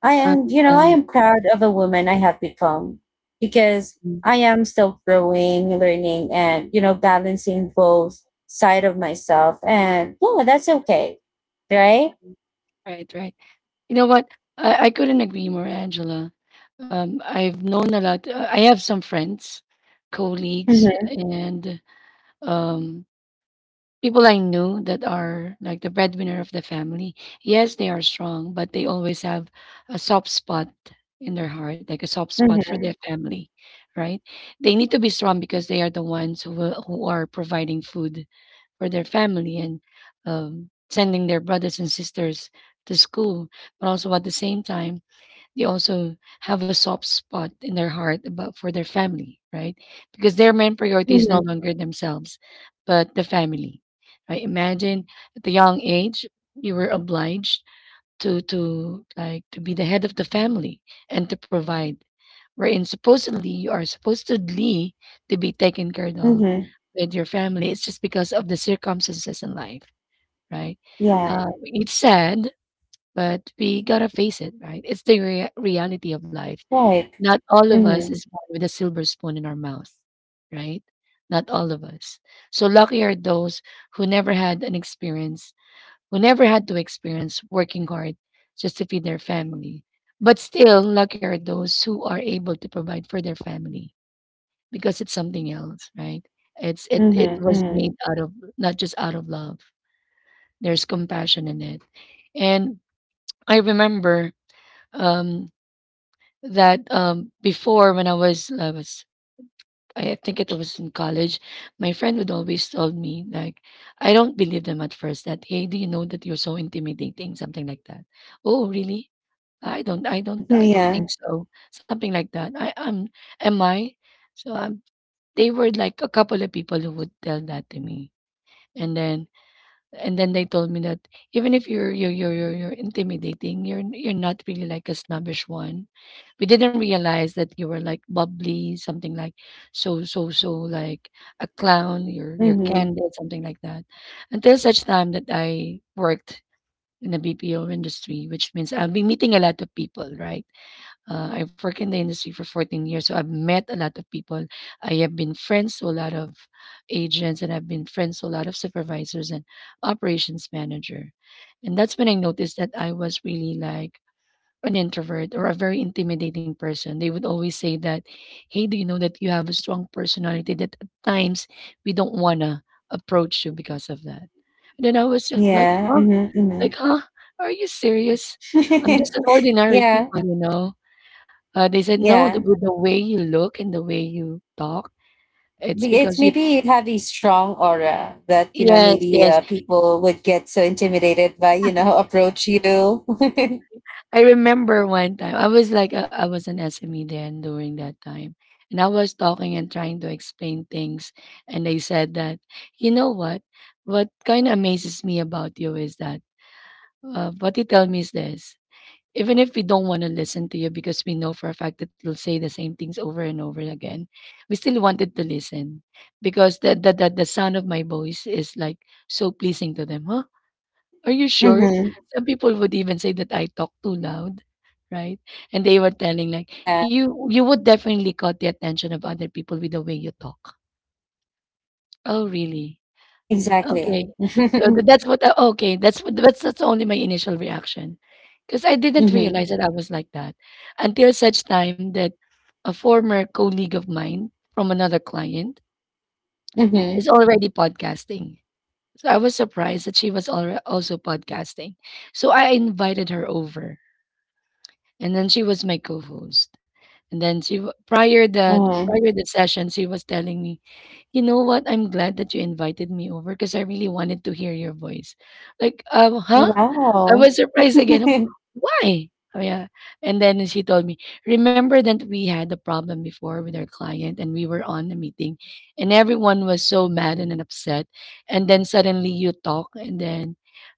I
uh,
am, you know, I
uh,
am proud of a woman I have become because
mm.
I am still growing, learning, and, you know, balancing both side of myself. And yeah, that's okay. Right?
Right, right. You know what? I couldn't agree more, Angela. I've known a lot. I have some friends, colleagues,
Mm-hmm,
and um, people I knew that are like the breadwinner of the family, yes, they are strong, but they always have a soft spot in their heart, like a soft spot for
mm-hmm,
their family, right? They need to be strong because they are the ones who are providing food for their family and sending their brothers and sisters to school, but also at the same time they also have a soft spot in their heart about for their family, right? Because their main priority is
mm-hmm,
no longer themselves, but the family. Right? Imagine at the young age you were obliged to to be the head of the family and to provide. Wherein supposedly you are supposedly to be taken care of
mm-hmm.
with your family. It's just because of the circumstances in life, right?
Yeah.
It's sad, but we gotta face it, right? It's the reality of life.
Right.
Not all of us
Mm-hmm,
is born with a silver spoon in our mouth, right? Not all of us. So lucky are those who never had an experience, who never had to experience working hard just to feed their family. But still, lucky are those who are able to provide for their family because it's something else, right?
mm-hmm,
It was
mm-hmm.
made out of not just out of love. There's compassion in it. And I remember um that before when I think it was in college, my friend would always tell me, like, I don't believe them at first that, hey, do you know that you're so intimidating? Something like that. Oh, really? I don't
Yeah.
think so. Something like that. Am I? So they were like a couple of people who would tell that to me. And then and then they told me that even if you're intimidating, you're not really like a snobbish one. We didn't realize that you were like bubbly, something like like a clown. You're
Mm-hmm.
candid, something like that. Until such time that I worked in the BPO industry, which means I've been meeting a lot of people, right? I've worked in the industry for 14 years, so I've met a lot of people. I have been friends to a lot of agents, and I've been friends to a lot of supervisors and operations manager. And that's when I noticed that I was really like an introvert or a very intimidating person. They would always say that, "Hey, do you know that you have a strong personality that at times we don't wanna approach you because of that?" And then I was just like,
Yeah.
"Huh?
Mm-hmm,
Like,
mm-hmm.
huh? Are you serious? I'm just an ordinary
Yeah.
people, you know." They said, "No, the
Yeah.
with the way you look and the way you talk, it's
It's
because you—"
maybe it have a strong aura that, you know,
Yes,
maybe
yes.
people would get so intimidated by, you know, approach you.
I remember one time. I was like, I was an SME then during that time. And I was talking and trying to explain things. And they said that, you know what? What kind of amazes me about you is that, what you tell me is this. Even if we don't want to listen to you because we know for a fact that you'll say the same things over and over again, we still wanted to listen because the sound of my voice is like so pleasing to them. Huh? Are you sure?
Mm-hmm.
Some people would even say that I talk too loud, right? And they were telling like
Yeah,
you would definitely caught the attention of other people with the way you talk. Oh really?
exactly.
Okay. So that's what I— okay, that's what— that's only my initial reaction, because I didn't
Mm-hmm.
realize that I was like that until such time that a former colleague of mine from another client is
Mm-hmm.
already podcasting. So I was surprised that she was alre also podcasting. So I invited her over, and then she was my co-host. And then she w prior the
Uh-huh.
session, she was telling me, you know what? I'm glad that you invited me over because I really wanted to hear your voice. Like, huh? I
Wow.
was surprised again. Why? Oh, yeah. And then she told me, remember that we had a problem before with our client and we were on a meeting and everyone was so mad and upset. And then suddenly you talk and then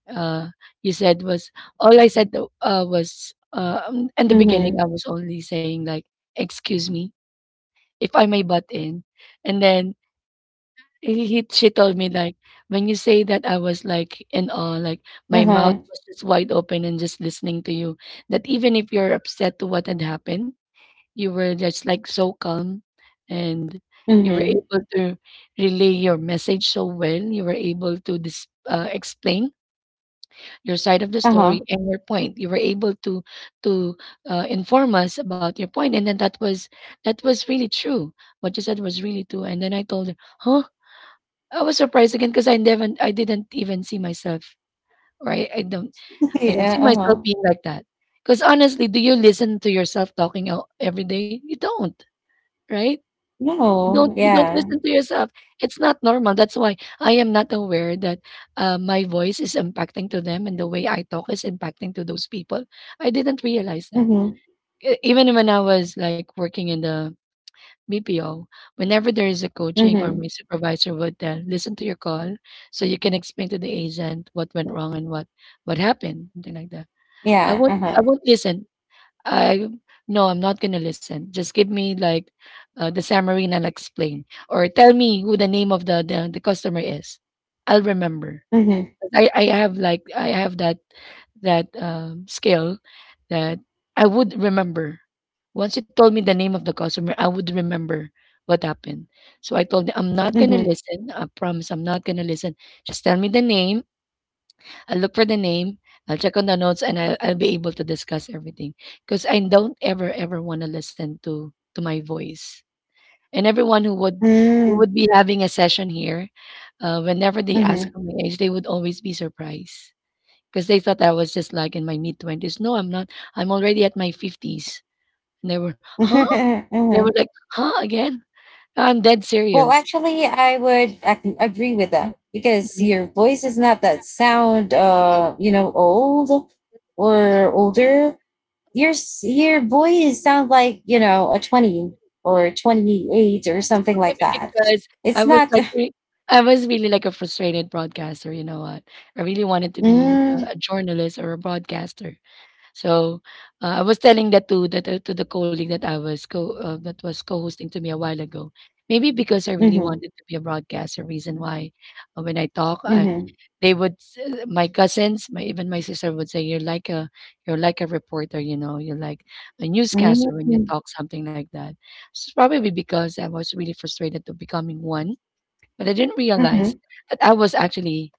uh, you said was, all I said was, in the beginning,
Mm-hmm.
I was only saying like, excuse me if I may butt in. And then he she told me like, "When you say that, I was like in awe, like my
Uh-huh.
mouth was just wide open and just listening to you. That even if you're upset to what had happened, you were just like so calm and you were
Mm-hmm.
able to relay your message so well. You were able to explain your side of the
Uh-huh.
story and your point. You were able to to inform us about your point, and then that was really true. What you said was really true." And then I told her, huh? I was surprised again because I didn't even see myself or I don't I don't
Yeah,
see myself
uh-huh.
being like that. Because honestly, do you listen to yourself talking out every day? You don't, right? You don't
No,
you don't
yeah.
listen to yourself. It's not normal. That's why I am not aware that my voice is impacting to them and the way I talk is impacting to those people. I didn't realize that.
Mm-hmm.
Even when I was like working in the BPO, whenever there is a coaching or my
Mm-hmm.
supervisor would tell, listen to your call so you can explain to the agent what went wrong and what happened, something like that.
Yeah,
I
uh-huh.
won't listen. I no, I'm not gonna listen. Just give me like the summary and I'll explain. Or tell me who the name of the customer is. I'll remember.
Mm-hmm.
I have that skill that I would remember. Once you told me the name of the customer, I would remember what happened. So I told them I'm not gonna
Mm-hmm.
listen. I promise I'm not gonna listen. Just tell me the name. I'll look for the name. I'll check on the notes, and I'll be able to discuss everything. Because I don't ever ever want to listen to my voice. And everyone who
Mm-hmm.
would be having a session here, whenever they ask for my age, they would always be surprised because they thought I was just like in my mid 20s. No, I'm not. I'm already at my 50s. And they were, huh? They were
Mm-hmm.
like, huh? Again? I'm dead
Well,
serious.
actually, I would agree with
Mm,
that because
mhm.
your voice is not that sound, you know, old or older. Your voice sound like, you know, a 20 or 28 or something like
Maybe
that.
because I
It's
was
not.
like, re- I was really like a frustrated broadcaster. You know what? I really wanted to be
Mm,
a journalist or a broadcaster. So I was telling that to the colleague that I was co that was co-hosting to me a while ago. Maybe because I really
mm-hmm,
wanted to be a broadcaster, reason why when I talk, I,
mm-hmm,
they would my cousins, my even my sister would say, you're like a reporter, you know, you're like a newscaster when you
mm-hmm,
talk something like that." It's probably because I was really frustrated to becoming one, but I didn't realize
mm-hmm,
that I was actually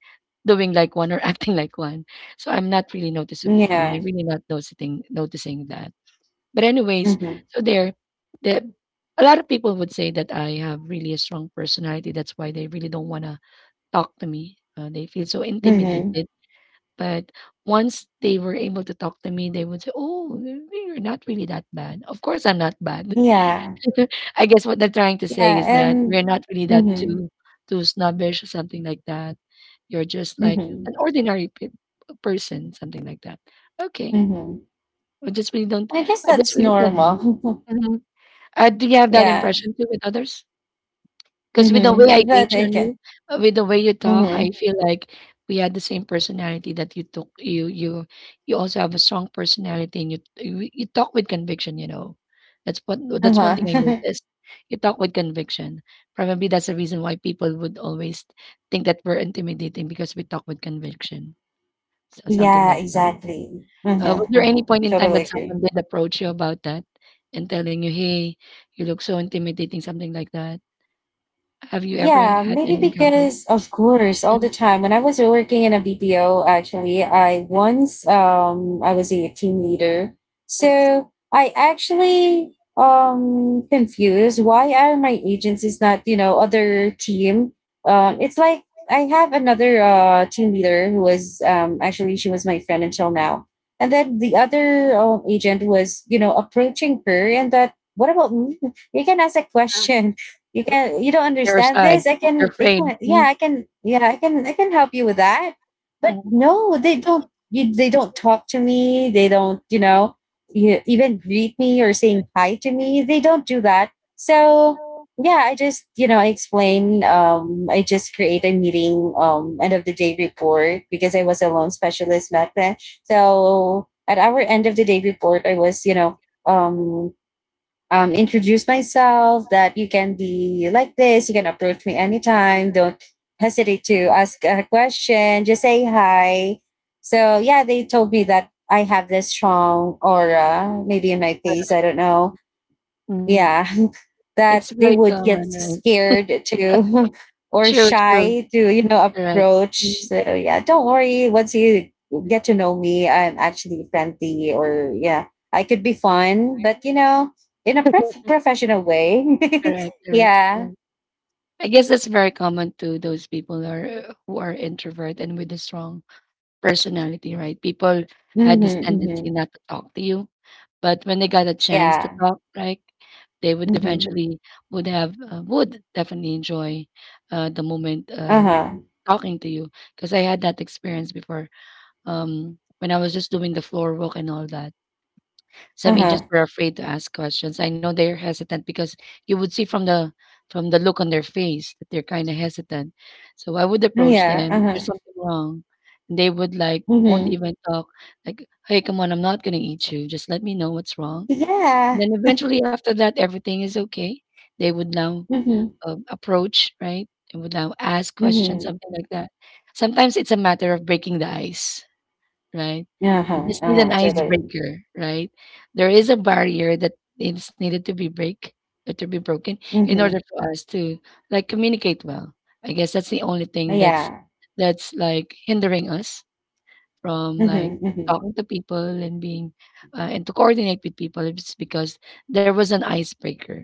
doing like one or acting like one. So I'm
yeah.
not really not noticing noticing that. But anyways,
Mm-hmm,
so there the a lot of people would say that I have really a strong personality. That's why they really don't wanna talk to me. They feel so
mm-hmm,
intimidated. But once they were able to talk to me, they would say, "Oh, you're not really that bad." Of course, I'm not bad.
yeah.
I guess what they're trying to say is
Yeah.
that
And.
we're not really that
Mm-hmm,
too too snobbish or something like that. You're just like
mm-hmm,
an ordinary person, something like that. Okay,
mm-hmm.
I just really don't.
I guess
I just
that's
really can't do.
normal.
It. Mhm. Do you have that
Yeah.
impression too with others? 'Cause with the way
Mhm.
I gauge on
Zevadeyken.
you, with the way you
Hı
talk,
hı.
I feel like we had the same personality that you took you you you also have a strong personality and you talk with conviction, you know.
Uh
That's one thing I
huh.
noticed. You talk with conviction. Probably that's the reason why people would always think that we're intimidating because we talk with conviction. So something
Yeah,
like that.
exactly. Hı hı,
Was
hı
there any
hı.
point in time
Totally
that someone
agree.
did approach you about that and telling you, "Hey, you look so intimidating," something like that? Have you ever
Yeah,
had
maybe,
an encounter?
because of course, all the
Mm.
time. When I was working in a BPO, actually, I once I was a team leader.
Mm,
So I actually confused why are my agents is not, you know, other team.
mhm.
It's like I have another team leader who was actually she was my friend until now. And then the other agent was, you know, approaching her, and that what about me? You can ask a question. You don't
They're
understand
shy.
this? I
They're
can I
afraid.
can yeah,
Mhm.
I can help you with that. But
Mhm.
no, they don't talk to me. They don't, you know, you even greet me or saying hi to me. They don't do that. So yeah, I just, you know, I explain I just create a meeting end of the day report because I was a loan specialist back then. So at our end of the day report I was, you know, um introduce myself that you can be like this. You can approach me anytime. Don't hesitate to ask a question. Just say hi. So, yeah, they told me that I have this strong aura, maybe in my face. I
Correct.
don't know.
Mhm.
Yeah.
It's
That
very
they would get
common, right?
scared to or
True, true.
shy to, you know,
Correct.
approach.
Mhm.
So yeah, don't worry, once you get to know me, I'm actually friendly. Or yeah, I could be fun, but, you know, in a professional way.
Correct, correct,
Yeah.
correct. I guess that's very common to those people who are introvert and with a strong personality, right? People had
Mm-hmm,
this tendency
mm-hmm.
not to talk to you. But when they got a chance to
Yeah.
talk, like, they would
Mm-hmm.
eventually would definitely enjoy, the moment,
Uh-huh.
talking to you. Because I had that experience before, when I was just doing the floor walk and all that. Some
Uh-huh.
agents were afraid to ask questions. I know they're hesitant because you would see from the look on their face that they're kinda hesitant. So I would approach them,
Yeah.
If
Uh-huh.
"There's something wrong." And they would, like, won't
Mm-hmm.
even talk, like, "Hey, come on, I'm not gonna eat you. Just let me know what's wrong."
Yeah.
And then eventually, after that, everything is okay. They would now
Mm-hmm.
approach, right? They would now ask questions, something
Mm-hmm.
like that. Sometimes it's a matter of breaking the ice, right? We
Uh-huh.
just need an
Uh-huh. Totally.
icebreaker, right? There is a barrier that is needed to be break or to be broken in
Mm-hmm.
order for us to like communicate well. I guess that's the only thing that's
Yeah.
that's like hindering us from like
Mm-hmm. Mm-hmm.
talking to people and being and to coordinate with people it's because there was an icebreaker,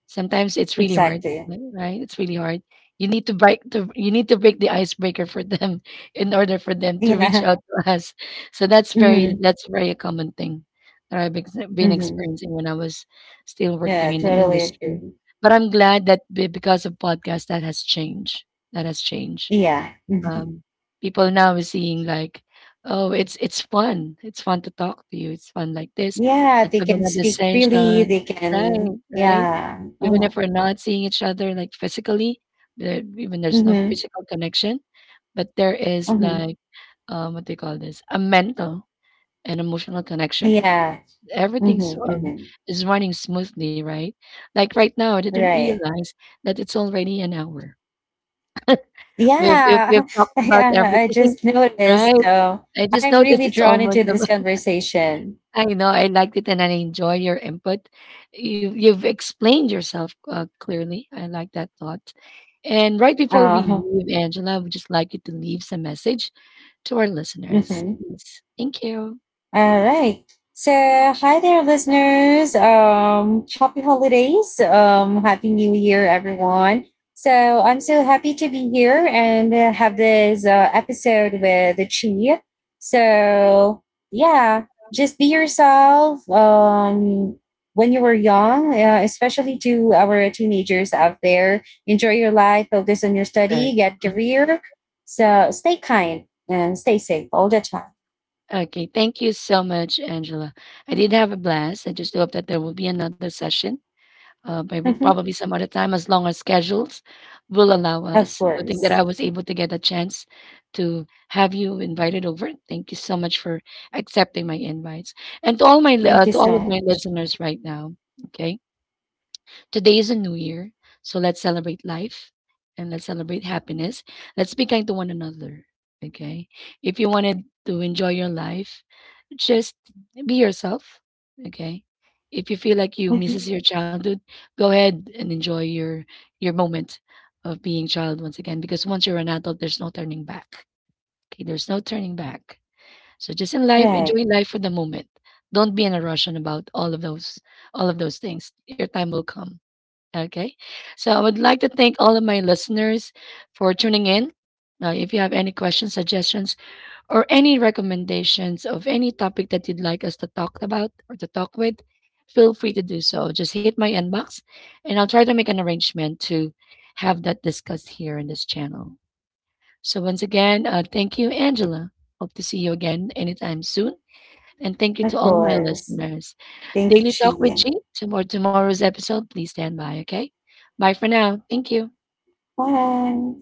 sometimes it's really hard,
Exactly.
right? it's really hard You need to break to you need to break the icebreaker for them in order for them to reach
Yeah.
out to us. So
Mm-hmm.
that's very a common thing that been
Mm-hmm.
experiencing when I was still working
Yeah,
in the
totally
industry.
agree.
But I'm glad that because of podcast that has changed,
Yeah. Hmm.
um, people now are seeing like, "Oh, it's fun. It's fun to talk to you. It's fun like this.
Yeah,
Let's
they
have
can
another
speak freely.
session."
They
Right,
can,
right?
yeah.
Even if
Uh-huh.
we're not seeing each other, like, physically, there even there's no
Mm-hmm.
physical connection, but there is
Mm-hmm.
like, what do you call this? A mental and emotional connection.
Yeah.
Everything's,
Mm-hmm. Mm-hmm.
is running smoothly, right? Like, right now, I didn't
Right.
realize that it's already an hour. We've we've
Yeah.
we've talked about
Yeah. I
everything,
just noticed.
right?
So
I just
I'm
noticed
really
it's
drawn
almost
into this
about
conversation.
I know I liked it and I enjoy your input. You've explained yourself clearly. I like that thought. And right before we
Uh,
leave, Angela, would just like you to leave some message to our listeners,
mhm.
please. Thank you.
All right. So, hi there, listeners. Happy holidays. Happy New Year, everyone. So, I'm so happy to be here and have this episode with Chi. So, yeah, just be yourself. When you were young, especially to our teenagers out there, enjoy your life, focus on your study,
Right.
get
Mm.
career. So, stay kind and stay safe all the time.
Okay, thank you so much, Angela. I did have a blast. I just hope that there will be another session maybe probably some other time as long as schedules will allow
Of
us. Good thing that I
course.
was able to get a chance to have you invited over. Thank you so much for accepting my invites, and to all my
Thank you
to all of my
so
listeners right now. Okay, Today is a new year, so let's celebrate life and let's celebrate happiness. Let's be kind to one another. Okay. If you wanted to enjoy your life, just be yourself. Okay. If you feel like you
much.
misses your childhood, go ahead and enjoy your moment of being child once again. Because once you're an adult, there's no turning back. Okay, there's no turning back. So just in life,
Right.
enjoy life for the moment. Don't be in a rush on about all of those things. Your time will come. Okay. So I would like to thank all of my listeners for tuning in. If you have any questions, suggestions, or any recommendations of any topic that you'd like us to talk about or to talk with, feel free to do so. Just hit my inbox and I'll try to make an arrangement to have that discussed here in this channel. So, once again, thank you, Angela. Hope to see you again anytime soon. And thank you
Of
to all my
course.
listeners.
Thank you,
Daily Talk with
Chi.
G. To more tomorrow's episode, please stand by, okay? Bye for now. Thank you.
Bye.